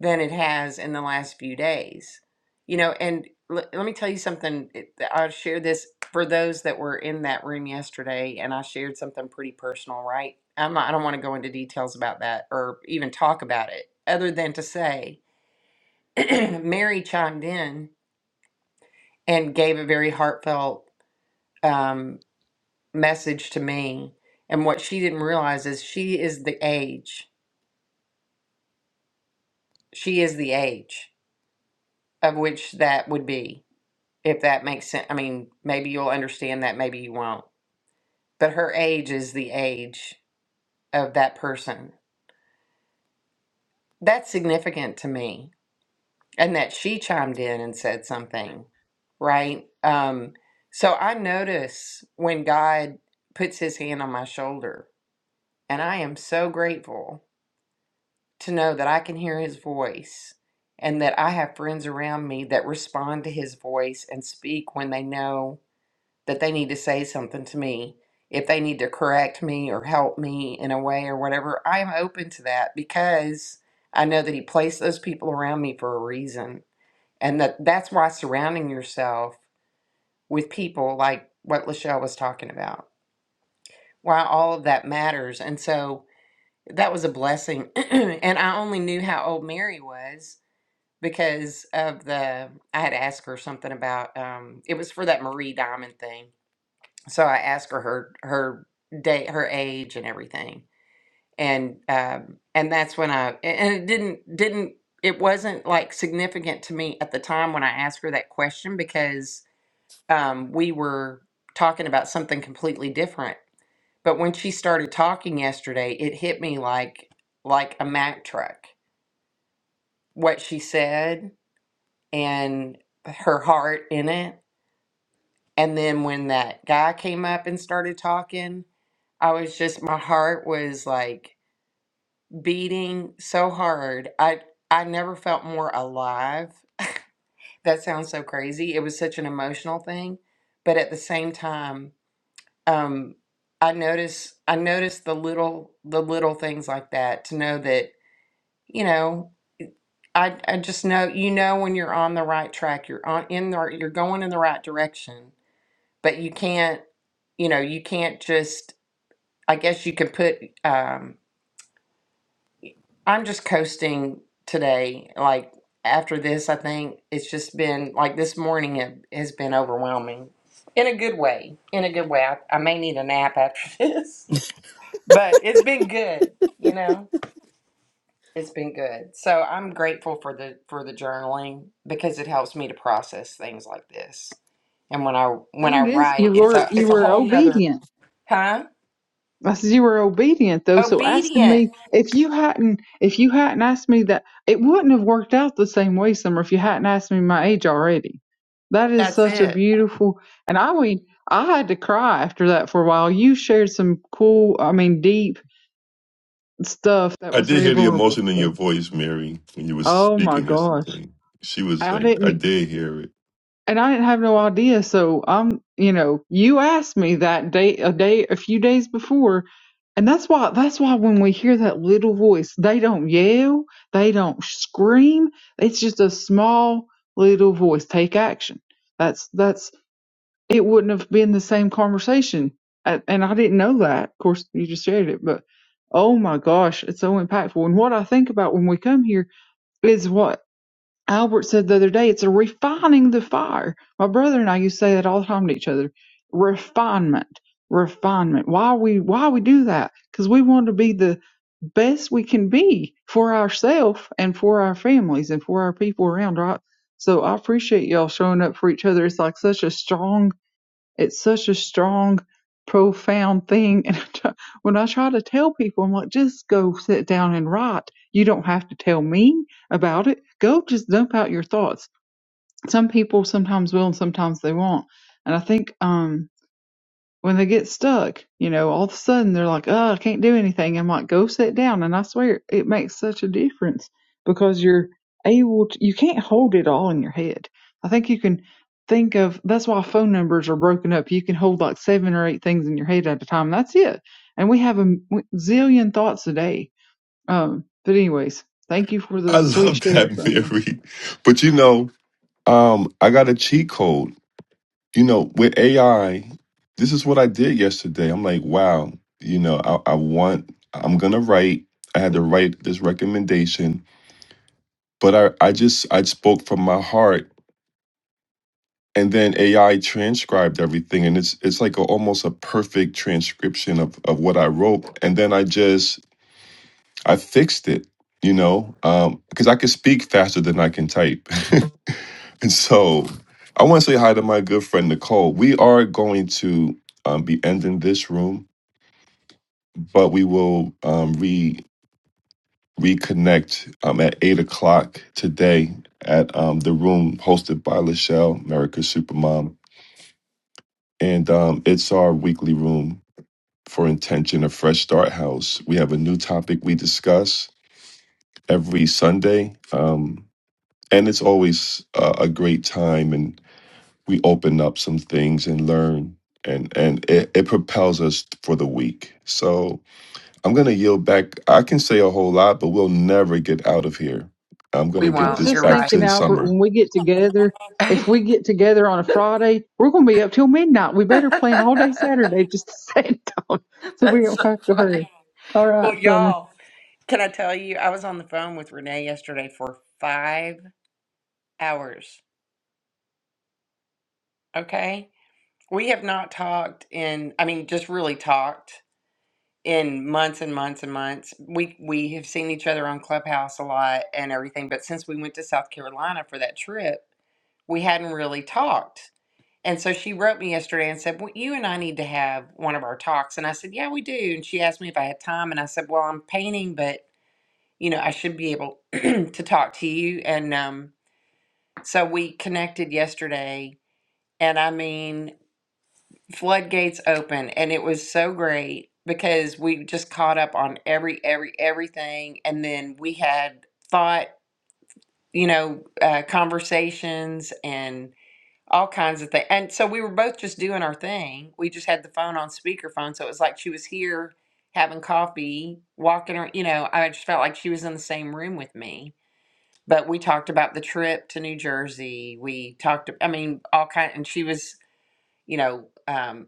[SPEAKER 1] than it has in the last few days. You know, and l- let me tell you something. it- I shared this for those that were in that room yesterday, and I shared something pretty personal, right? I'm not, I don't want to go into details about that or even talk about it, other than to say Mary chimed in and gave a very heartfelt um, message to me. And what she didn't realize is she is the age, she is the age of which that would be if that makes sense. I mean, maybe you'll understand that, maybe you won't. But her age is the age of that person. That's significant to me. And that she chimed in and said something, right? Um, so I notice when God puts his hand on my shoulder, and I am so grateful to know that I can hear his voice and that I have friends around me that respond to his voice and speak when they know that they need to say something to me, if they need to correct me or help me in a way or whatever, I am open to that because I know that He placed those people around me for a reason. And that that's why surrounding yourself with people like what Lachelle was talking about, why all of that matters. And so that was a blessing. and I only knew how old Mary was because of the, I had asked her something about, um, it was for that Marie Diamond thing so I asked her her her date, her age, and everything, and um, and that's when I and it didn't didn't it wasn't like significant to me at the time when I asked her that question because um, we were talking about something completely different. But when she started talking yesterday, it hit me like like a Mack truck. What she said and her heart in it, and then when that guy came up and started talking I was just my heart was like beating so hard. I I never felt more alive. That sounds so crazy. It was such an emotional thing, but at the same time, um I notice I notice the little the little things like that to know that, you know, I I just know you know when you're on the right track, you're on in the you're going in the right direction, but you can't, you know, you can't just I guess you can put um I'm just coasting today. Like after this, I think it's just been like this morning it has been overwhelming in a good way. In a good way. I, I may need a nap after this, but it's been good, you know? It's been good. So I'm grateful for the for the journaling because it helps me to process things like this. And when I when
[SPEAKER 2] Thing
[SPEAKER 1] I
[SPEAKER 2] is,
[SPEAKER 1] write,
[SPEAKER 2] you
[SPEAKER 1] it's
[SPEAKER 2] were
[SPEAKER 1] a
[SPEAKER 2] you
[SPEAKER 1] it's a
[SPEAKER 2] were
[SPEAKER 1] whole nother
[SPEAKER 2] obedient
[SPEAKER 1] huh?
[SPEAKER 2] I said, you were obedient though. So asking
[SPEAKER 1] Obedient.
[SPEAKER 2] me if you hadn't, if you hadn't asked me that, it wouldn't have worked out the same way, Summer, if you hadn't asked me my age already. That is
[SPEAKER 1] That's
[SPEAKER 2] such a
[SPEAKER 1] it.
[SPEAKER 2] beautiful, and I mean, I had to cry after that for a while. You shared some cool, I mean, deep stuff that
[SPEAKER 3] I
[SPEAKER 2] was
[SPEAKER 3] did
[SPEAKER 2] very
[SPEAKER 3] hear the
[SPEAKER 2] vulnerable.
[SPEAKER 3] emotion in your
[SPEAKER 2] So,
[SPEAKER 3] voice, Mary, when you was
[SPEAKER 2] oh my
[SPEAKER 3] speaking
[SPEAKER 2] gosh,
[SPEAKER 3] yesterday. She was
[SPEAKER 2] I
[SPEAKER 3] like, I
[SPEAKER 2] didn't.
[SPEAKER 3] did hear it.
[SPEAKER 2] and I didn't have no idea. So I'm, you know, you asked me that day, a day, a few days before, and that's why. That's why when we hear that little voice, they don't yell, they don't scream. It's just a small little voice. Take action. That's that's. It wouldn't have been the same conversation, A- and I didn't know that. Of course, you just shared it, but oh my gosh, it's so impactful. And what I think about when we come here is what. Albert said the other day, it's a refining the fire. My brother and I used to say that all the time to each other. Refinement, refinement. Why we why we do that? Because we want to be the best we can be for ourselves and for our families and for our people around, right? So I appreciate y'all showing up for each other. It's like such a strong it's such a strong, profound thing. And I try, when I try to tell people, I'm like, just go sit down and write. You don't have to tell me about it. Go just dump out your thoughts. Some people sometimes will and sometimes they won't. And I think, um when they get stuck, you know, all of a sudden they're like, oh, I can't do anything. I'm like, go sit down. And I swear it makes such a difference because you're able to, you can't hold it all in your head. I think you can think of, that's why phone numbers are broken up. You can hold like seven or eight things in your head at a time. That's it. And we have a zillion thoughts a day. Um, but anyways, thank you for
[SPEAKER 3] I
[SPEAKER 2] the sweet
[SPEAKER 3] love
[SPEAKER 2] share,
[SPEAKER 3] that,
[SPEAKER 2] Summer.
[SPEAKER 3] Mary. But you know, um, I got a cheat code. You know, with AI, this is what I did yesterday. I'm like, wow, you know, I, I want I'm gonna write I had to write this recommendation but I, I just I spoke from my heart, and then AI transcribed everything, and it's it's like a, almost a perfect transcription of of what I wrote, and then I just I fixed it, you know, because I could speak faster than I can type, and so I want to say hi to my good friend Nicole. We are going to um, be ending this room, but we will um, re reconnect um, at eight o'clock today at um, the room hosted by Lachelle, America's Supermom And um, it's our weekly room for Intention, a fresh start house. We have a new topic we discuss every Sunday. Um, and it's always uh, a great time. And we open up some things and learn. And, and it, it propels us for the week. So I'm going to yield back. I can say a whole lot, but we'll never get out of here. I'm going
[SPEAKER 1] We
[SPEAKER 3] to
[SPEAKER 2] I
[SPEAKER 3] give
[SPEAKER 2] was
[SPEAKER 1] won't.
[SPEAKER 3] this
[SPEAKER 2] just
[SPEAKER 1] You're
[SPEAKER 3] back
[SPEAKER 2] thinking,
[SPEAKER 3] to
[SPEAKER 2] Albert,
[SPEAKER 3] Summer.
[SPEAKER 2] when we get together, if
[SPEAKER 1] right.
[SPEAKER 2] we get together on a Friday, we're going to be up till midnight. We better plan all day Saturday just to sit down so we
[SPEAKER 1] That's
[SPEAKER 2] don't
[SPEAKER 1] so
[SPEAKER 2] have to hurry.
[SPEAKER 1] funny.
[SPEAKER 2] All
[SPEAKER 1] Well,
[SPEAKER 2] right, Summer.
[SPEAKER 1] y'all, can I tell you, I was on the phone with Renee yesterday for five hours. Okay. We have not talked in, I mean, just really talked in months and months and months. We we have seen each other on Clubhouse a lot and everything, but since we went to South Carolina for that trip, we hadn't really talked. And so she wrote me yesterday and said, well, "You and I need to have one of our talks." And I said, "Yeah, we do." And she asked me if I had time, and I said, "Well, I'm painting, but you know, I should be able to talk to you. And um, so we connected yesterday, and I mean, floodgates open, and it was so great because we just caught up on every, every, everything. And then we had thought, you know, uh, conversations and all kinds of things. And so we were both just doing our thing. We just had the phone on speakerphone. So it was like she was here having coffee, walking her, you know, I just felt like she was in the same room with me but we talked about the trip to New Jersey. We talked, I mean, all kind, and she was, you know, um,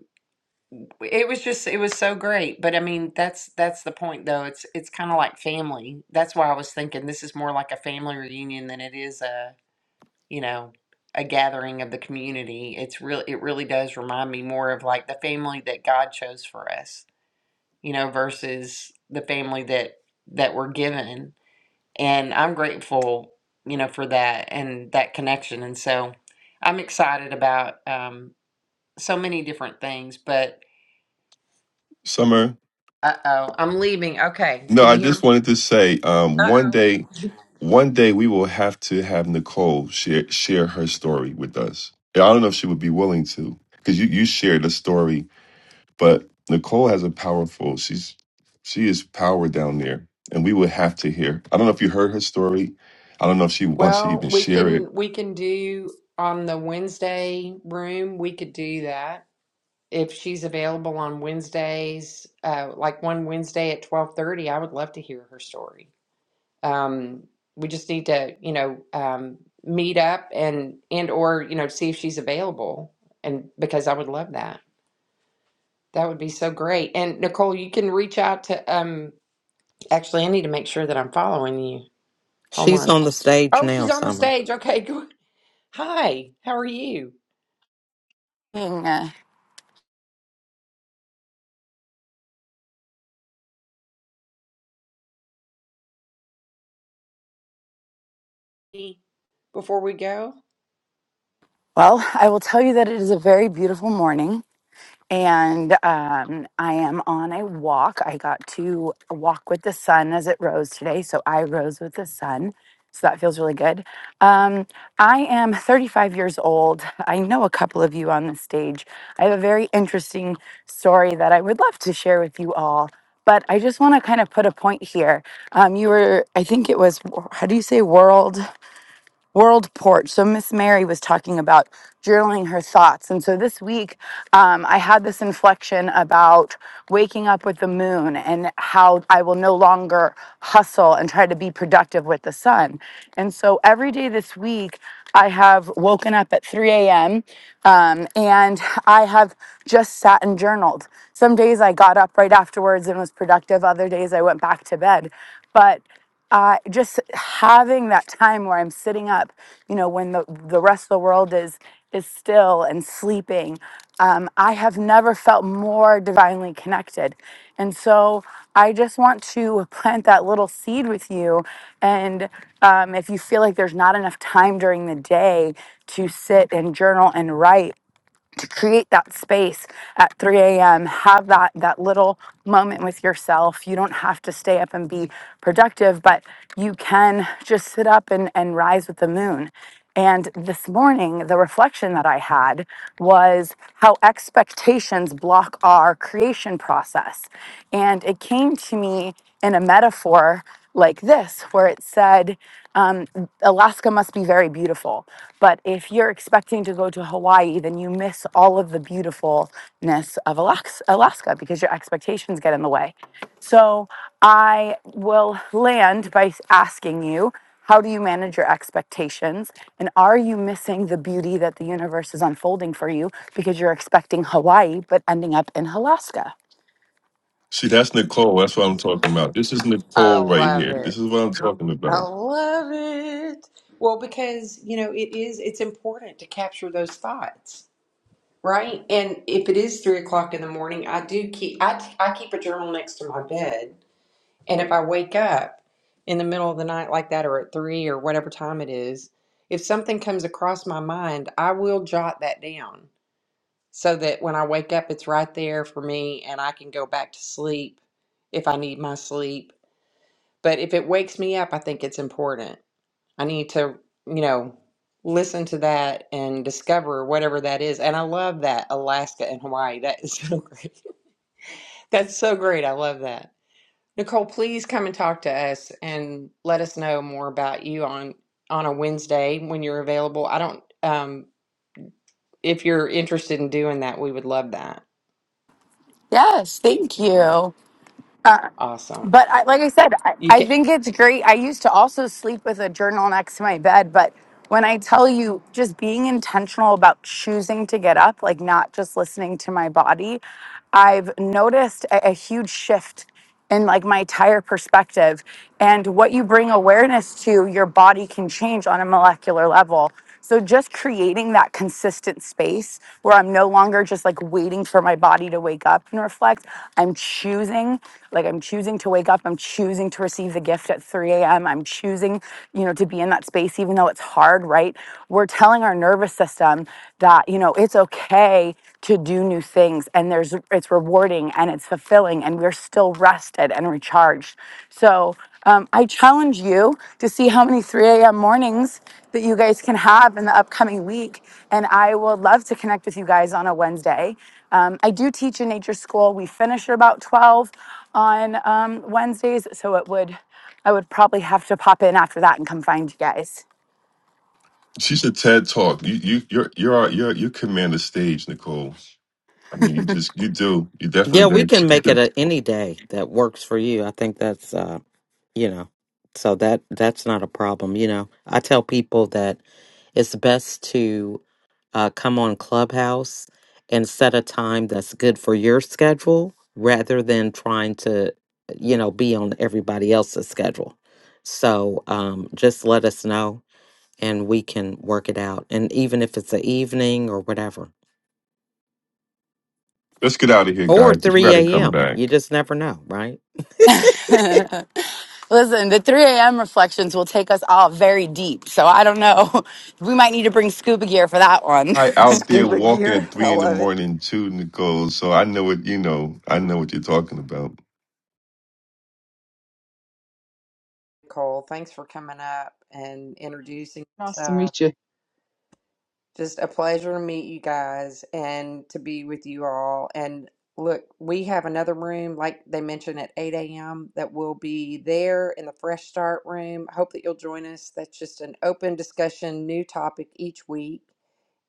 [SPEAKER 1] it was just, it was so great. But I mean, that's that's the point, though. It's it's kind of like family. That's why I was thinking this is more like a family reunion than it is a, you know, a gathering of the community. It's real. It really does remind me more of like the family that God chose for us, you know, versus the family that that we're given and I'm grateful, you know, for that and that connection. And so I'm excited about um, so many different things. But
[SPEAKER 3] Summer.
[SPEAKER 1] uh oh, I'm leaving. Okay,
[SPEAKER 3] No,
[SPEAKER 1] can you
[SPEAKER 3] I
[SPEAKER 1] hear
[SPEAKER 3] just
[SPEAKER 1] me?
[SPEAKER 3] wanted to say, um,
[SPEAKER 1] Uh
[SPEAKER 3] one
[SPEAKER 1] oh.
[SPEAKER 3] day, one day we will have to have Nicole share share her story with us. And I don't know if she would be willing to, because you you shared a story, but Nicole has a powerful. She's she is power down there, and we would have to hear. I don't know if you heard her story. I don't know if she wants to
[SPEAKER 1] Well,
[SPEAKER 3] even
[SPEAKER 1] we
[SPEAKER 3] share it.
[SPEAKER 1] can we can do on the Wednesday room. We could do that if she's available on Wednesdays, uh, like one Wednesday at twelve thirty. I would love to hear her story. um, we just need to you know um, meet up and and or you know see if she's available and because i would love that that would be so great and nicole you can reach out to um actually i need to make sure that i'm following you hold
[SPEAKER 4] she's
[SPEAKER 1] on
[SPEAKER 4] on the stage
[SPEAKER 1] oh
[SPEAKER 4] now,
[SPEAKER 1] she's on the
[SPEAKER 4] Summer.
[SPEAKER 1] stage okay good hi how are you
[SPEAKER 5] morning.
[SPEAKER 1] before we go
[SPEAKER 5] Well, I will tell you that it is a very beautiful morning, and um, I am on a walk. I got to walk with the sun as it rose today, so I rose with the sun. So that feels really good. Um, I am 35 years old. I know a couple of you on the stage. I have a very interesting story that I would love to share with you all, but I just want to kind of put a point here. Um, you were, I think it was, how do you say world? world port. So Miss Mary was talking about journaling her thoughts, and so this week um, I had this inflection about waking up with the moon and how I will no longer hustle and try to be productive with the sun. And so every day this week I have woken up at 3 a.m. Um, and I have just sat and journaled. Some days I got up right afterwards and was productive. Other days I went back to bed, but. I just having that time where I'm sitting up, you know, when the the rest of the world is is still and sleeping. Um, I have never felt more divinely connected, and so I just want to plant that little seed with you. And um, if you feel like there's not enough time during the day to sit and journal and write, to create that space at 3 a.m. Have that that little moment with yourself. You don't have to stay up and be productive, but you can just sit up and, and rise with the moon. And this morning, the reflection that I had was how expectations block our creation process. And it came to me in a metaphor like this, where it said, um, Alaska must be very beautiful. But if you're expecting to go to Hawaii, then you miss all of the beautifulness of Alax- Alaska because your expectations get in the way. So I will land by asking you how do you manage your expectations? And are you missing the beauty that the universe is unfolding for you because you're expecting Hawaii but ending up in Alaska?
[SPEAKER 3] See, that's Nicole. That's what I'm talking about. This is
[SPEAKER 1] i
[SPEAKER 3] Nicole right
[SPEAKER 1] love
[SPEAKER 3] here. This
[SPEAKER 1] it
[SPEAKER 3] is what I'm talking
[SPEAKER 1] i
[SPEAKER 3] about.
[SPEAKER 1] love it well because you know it is it's important to capture those thoughts Right? And if it is three o'clock in the morning, I do keep I, I keep a journal next to my bed. And if I wake up in the middle of the night like that or at three or whatever time it is, if something comes across my mind, I will jot that down so that when I wake up it's right there for me and I can go back to sleep if I need my sleep. But if it wakes me up, I think it's important. I need to, you know, listen to that and discover whatever that is. And I love that Alaska and Hawaii. That is so great. That's so great. I love that. Nicole, please come and talk to us and let us know more about you on on a Wednesday when you're available. I don't um if you're interested in doing that, we would love that.
[SPEAKER 5] Yes, thank
[SPEAKER 1] Would love.
[SPEAKER 5] you.
[SPEAKER 1] Awesome.
[SPEAKER 5] But I, like I said, I,
[SPEAKER 1] You
[SPEAKER 5] I
[SPEAKER 1] can
[SPEAKER 5] think it's great. I used to also sleep with a journal next to my bed. But when I tell you, just being intentional about choosing to get up, like not just listening to my body, I've noticed a, a huge shift in like my entire perspective. And what you bring awareness to, your body can change on a molecular level. So just creating that consistent space where I'm no longer just like waiting for my body to wake up and reflect. I'm choosing, like I'm choosing to wake up. I'm choosing to receive the gift at 3 a.m. I'm choosing, you know, to be in that space, even though it's hard, right? We're telling our nervous system that, you know, it's okay to do new things and there's it's rewarding and it's fulfilling and we're still rested and recharged. So um, I challenge you to see how many 3 a.m. mornings that you guys can have in the upcoming week. And I will love to connect with you guys on a Wednesday. Um, I do teach in nature school. We finish at about 12 on um, Wednesdays. So it would, I would probably have to pop in after that and come find you guys.
[SPEAKER 3] She's a TED Talk. You you you're you're our- you're you command the stage, Nicole. I mean, you just you do. You
[SPEAKER 4] Yeah,
[SPEAKER 3] definitely
[SPEAKER 4] we
[SPEAKER 3] do.
[SPEAKER 4] can make it a, any day that works for you. I think that's uh, you know, so that that's not a problem. You know, I tell people that it's best to uh, come on Clubhouse and set a time that's good for your schedule rather than trying to, you know, be on everybody else's schedule. So um, just let us know and we can work it out. And even if it's the evening or whatever,
[SPEAKER 3] Let's get out of here,
[SPEAKER 4] or
[SPEAKER 3] guys. You
[SPEAKER 4] 3
[SPEAKER 3] gotta come
[SPEAKER 4] a.m., you
[SPEAKER 3] back.
[SPEAKER 4] just never know, right?
[SPEAKER 5] Listen, the 3 a.m. reflections will take us all very deep. So I don't know. We might need to bring scuba gear for that one.
[SPEAKER 3] I out there
[SPEAKER 1] scuba
[SPEAKER 3] walking
[SPEAKER 1] gear.
[SPEAKER 3] at
[SPEAKER 1] I
[SPEAKER 3] three in the
[SPEAKER 1] love it.
[SPEAKER 3] morning too, Nicole. So I know what you know. I know what you're talking about.
[SPEAKER 1] Nicole, thanks for coming up and introducing
[SPEAKER 2] Nice to
[SPEAKER 1] yourself.
[SPEAKER 2] meet you.
[SPEAKER 1] Just a pleasure to meet you guys and to be with you all. And look, we have another room, like they mentioned, at 8 a.m. that will be there in the Fresh Start room. Hope that you'll join us. That's just an open discussion, new topic each week.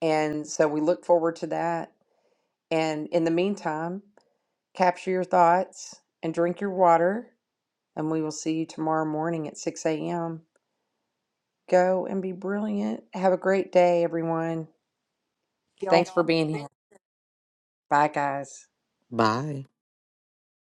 [SPEAKER 1] And so we look forward to that. And in the meantime, capture your thoughts and drink your water. And we will see you tomorrow morning at 6 a.m. Go and be brilliant. Have a great day, everyone. Thanks for being here. Bye, guys.
[SPEAKER 4] Bye.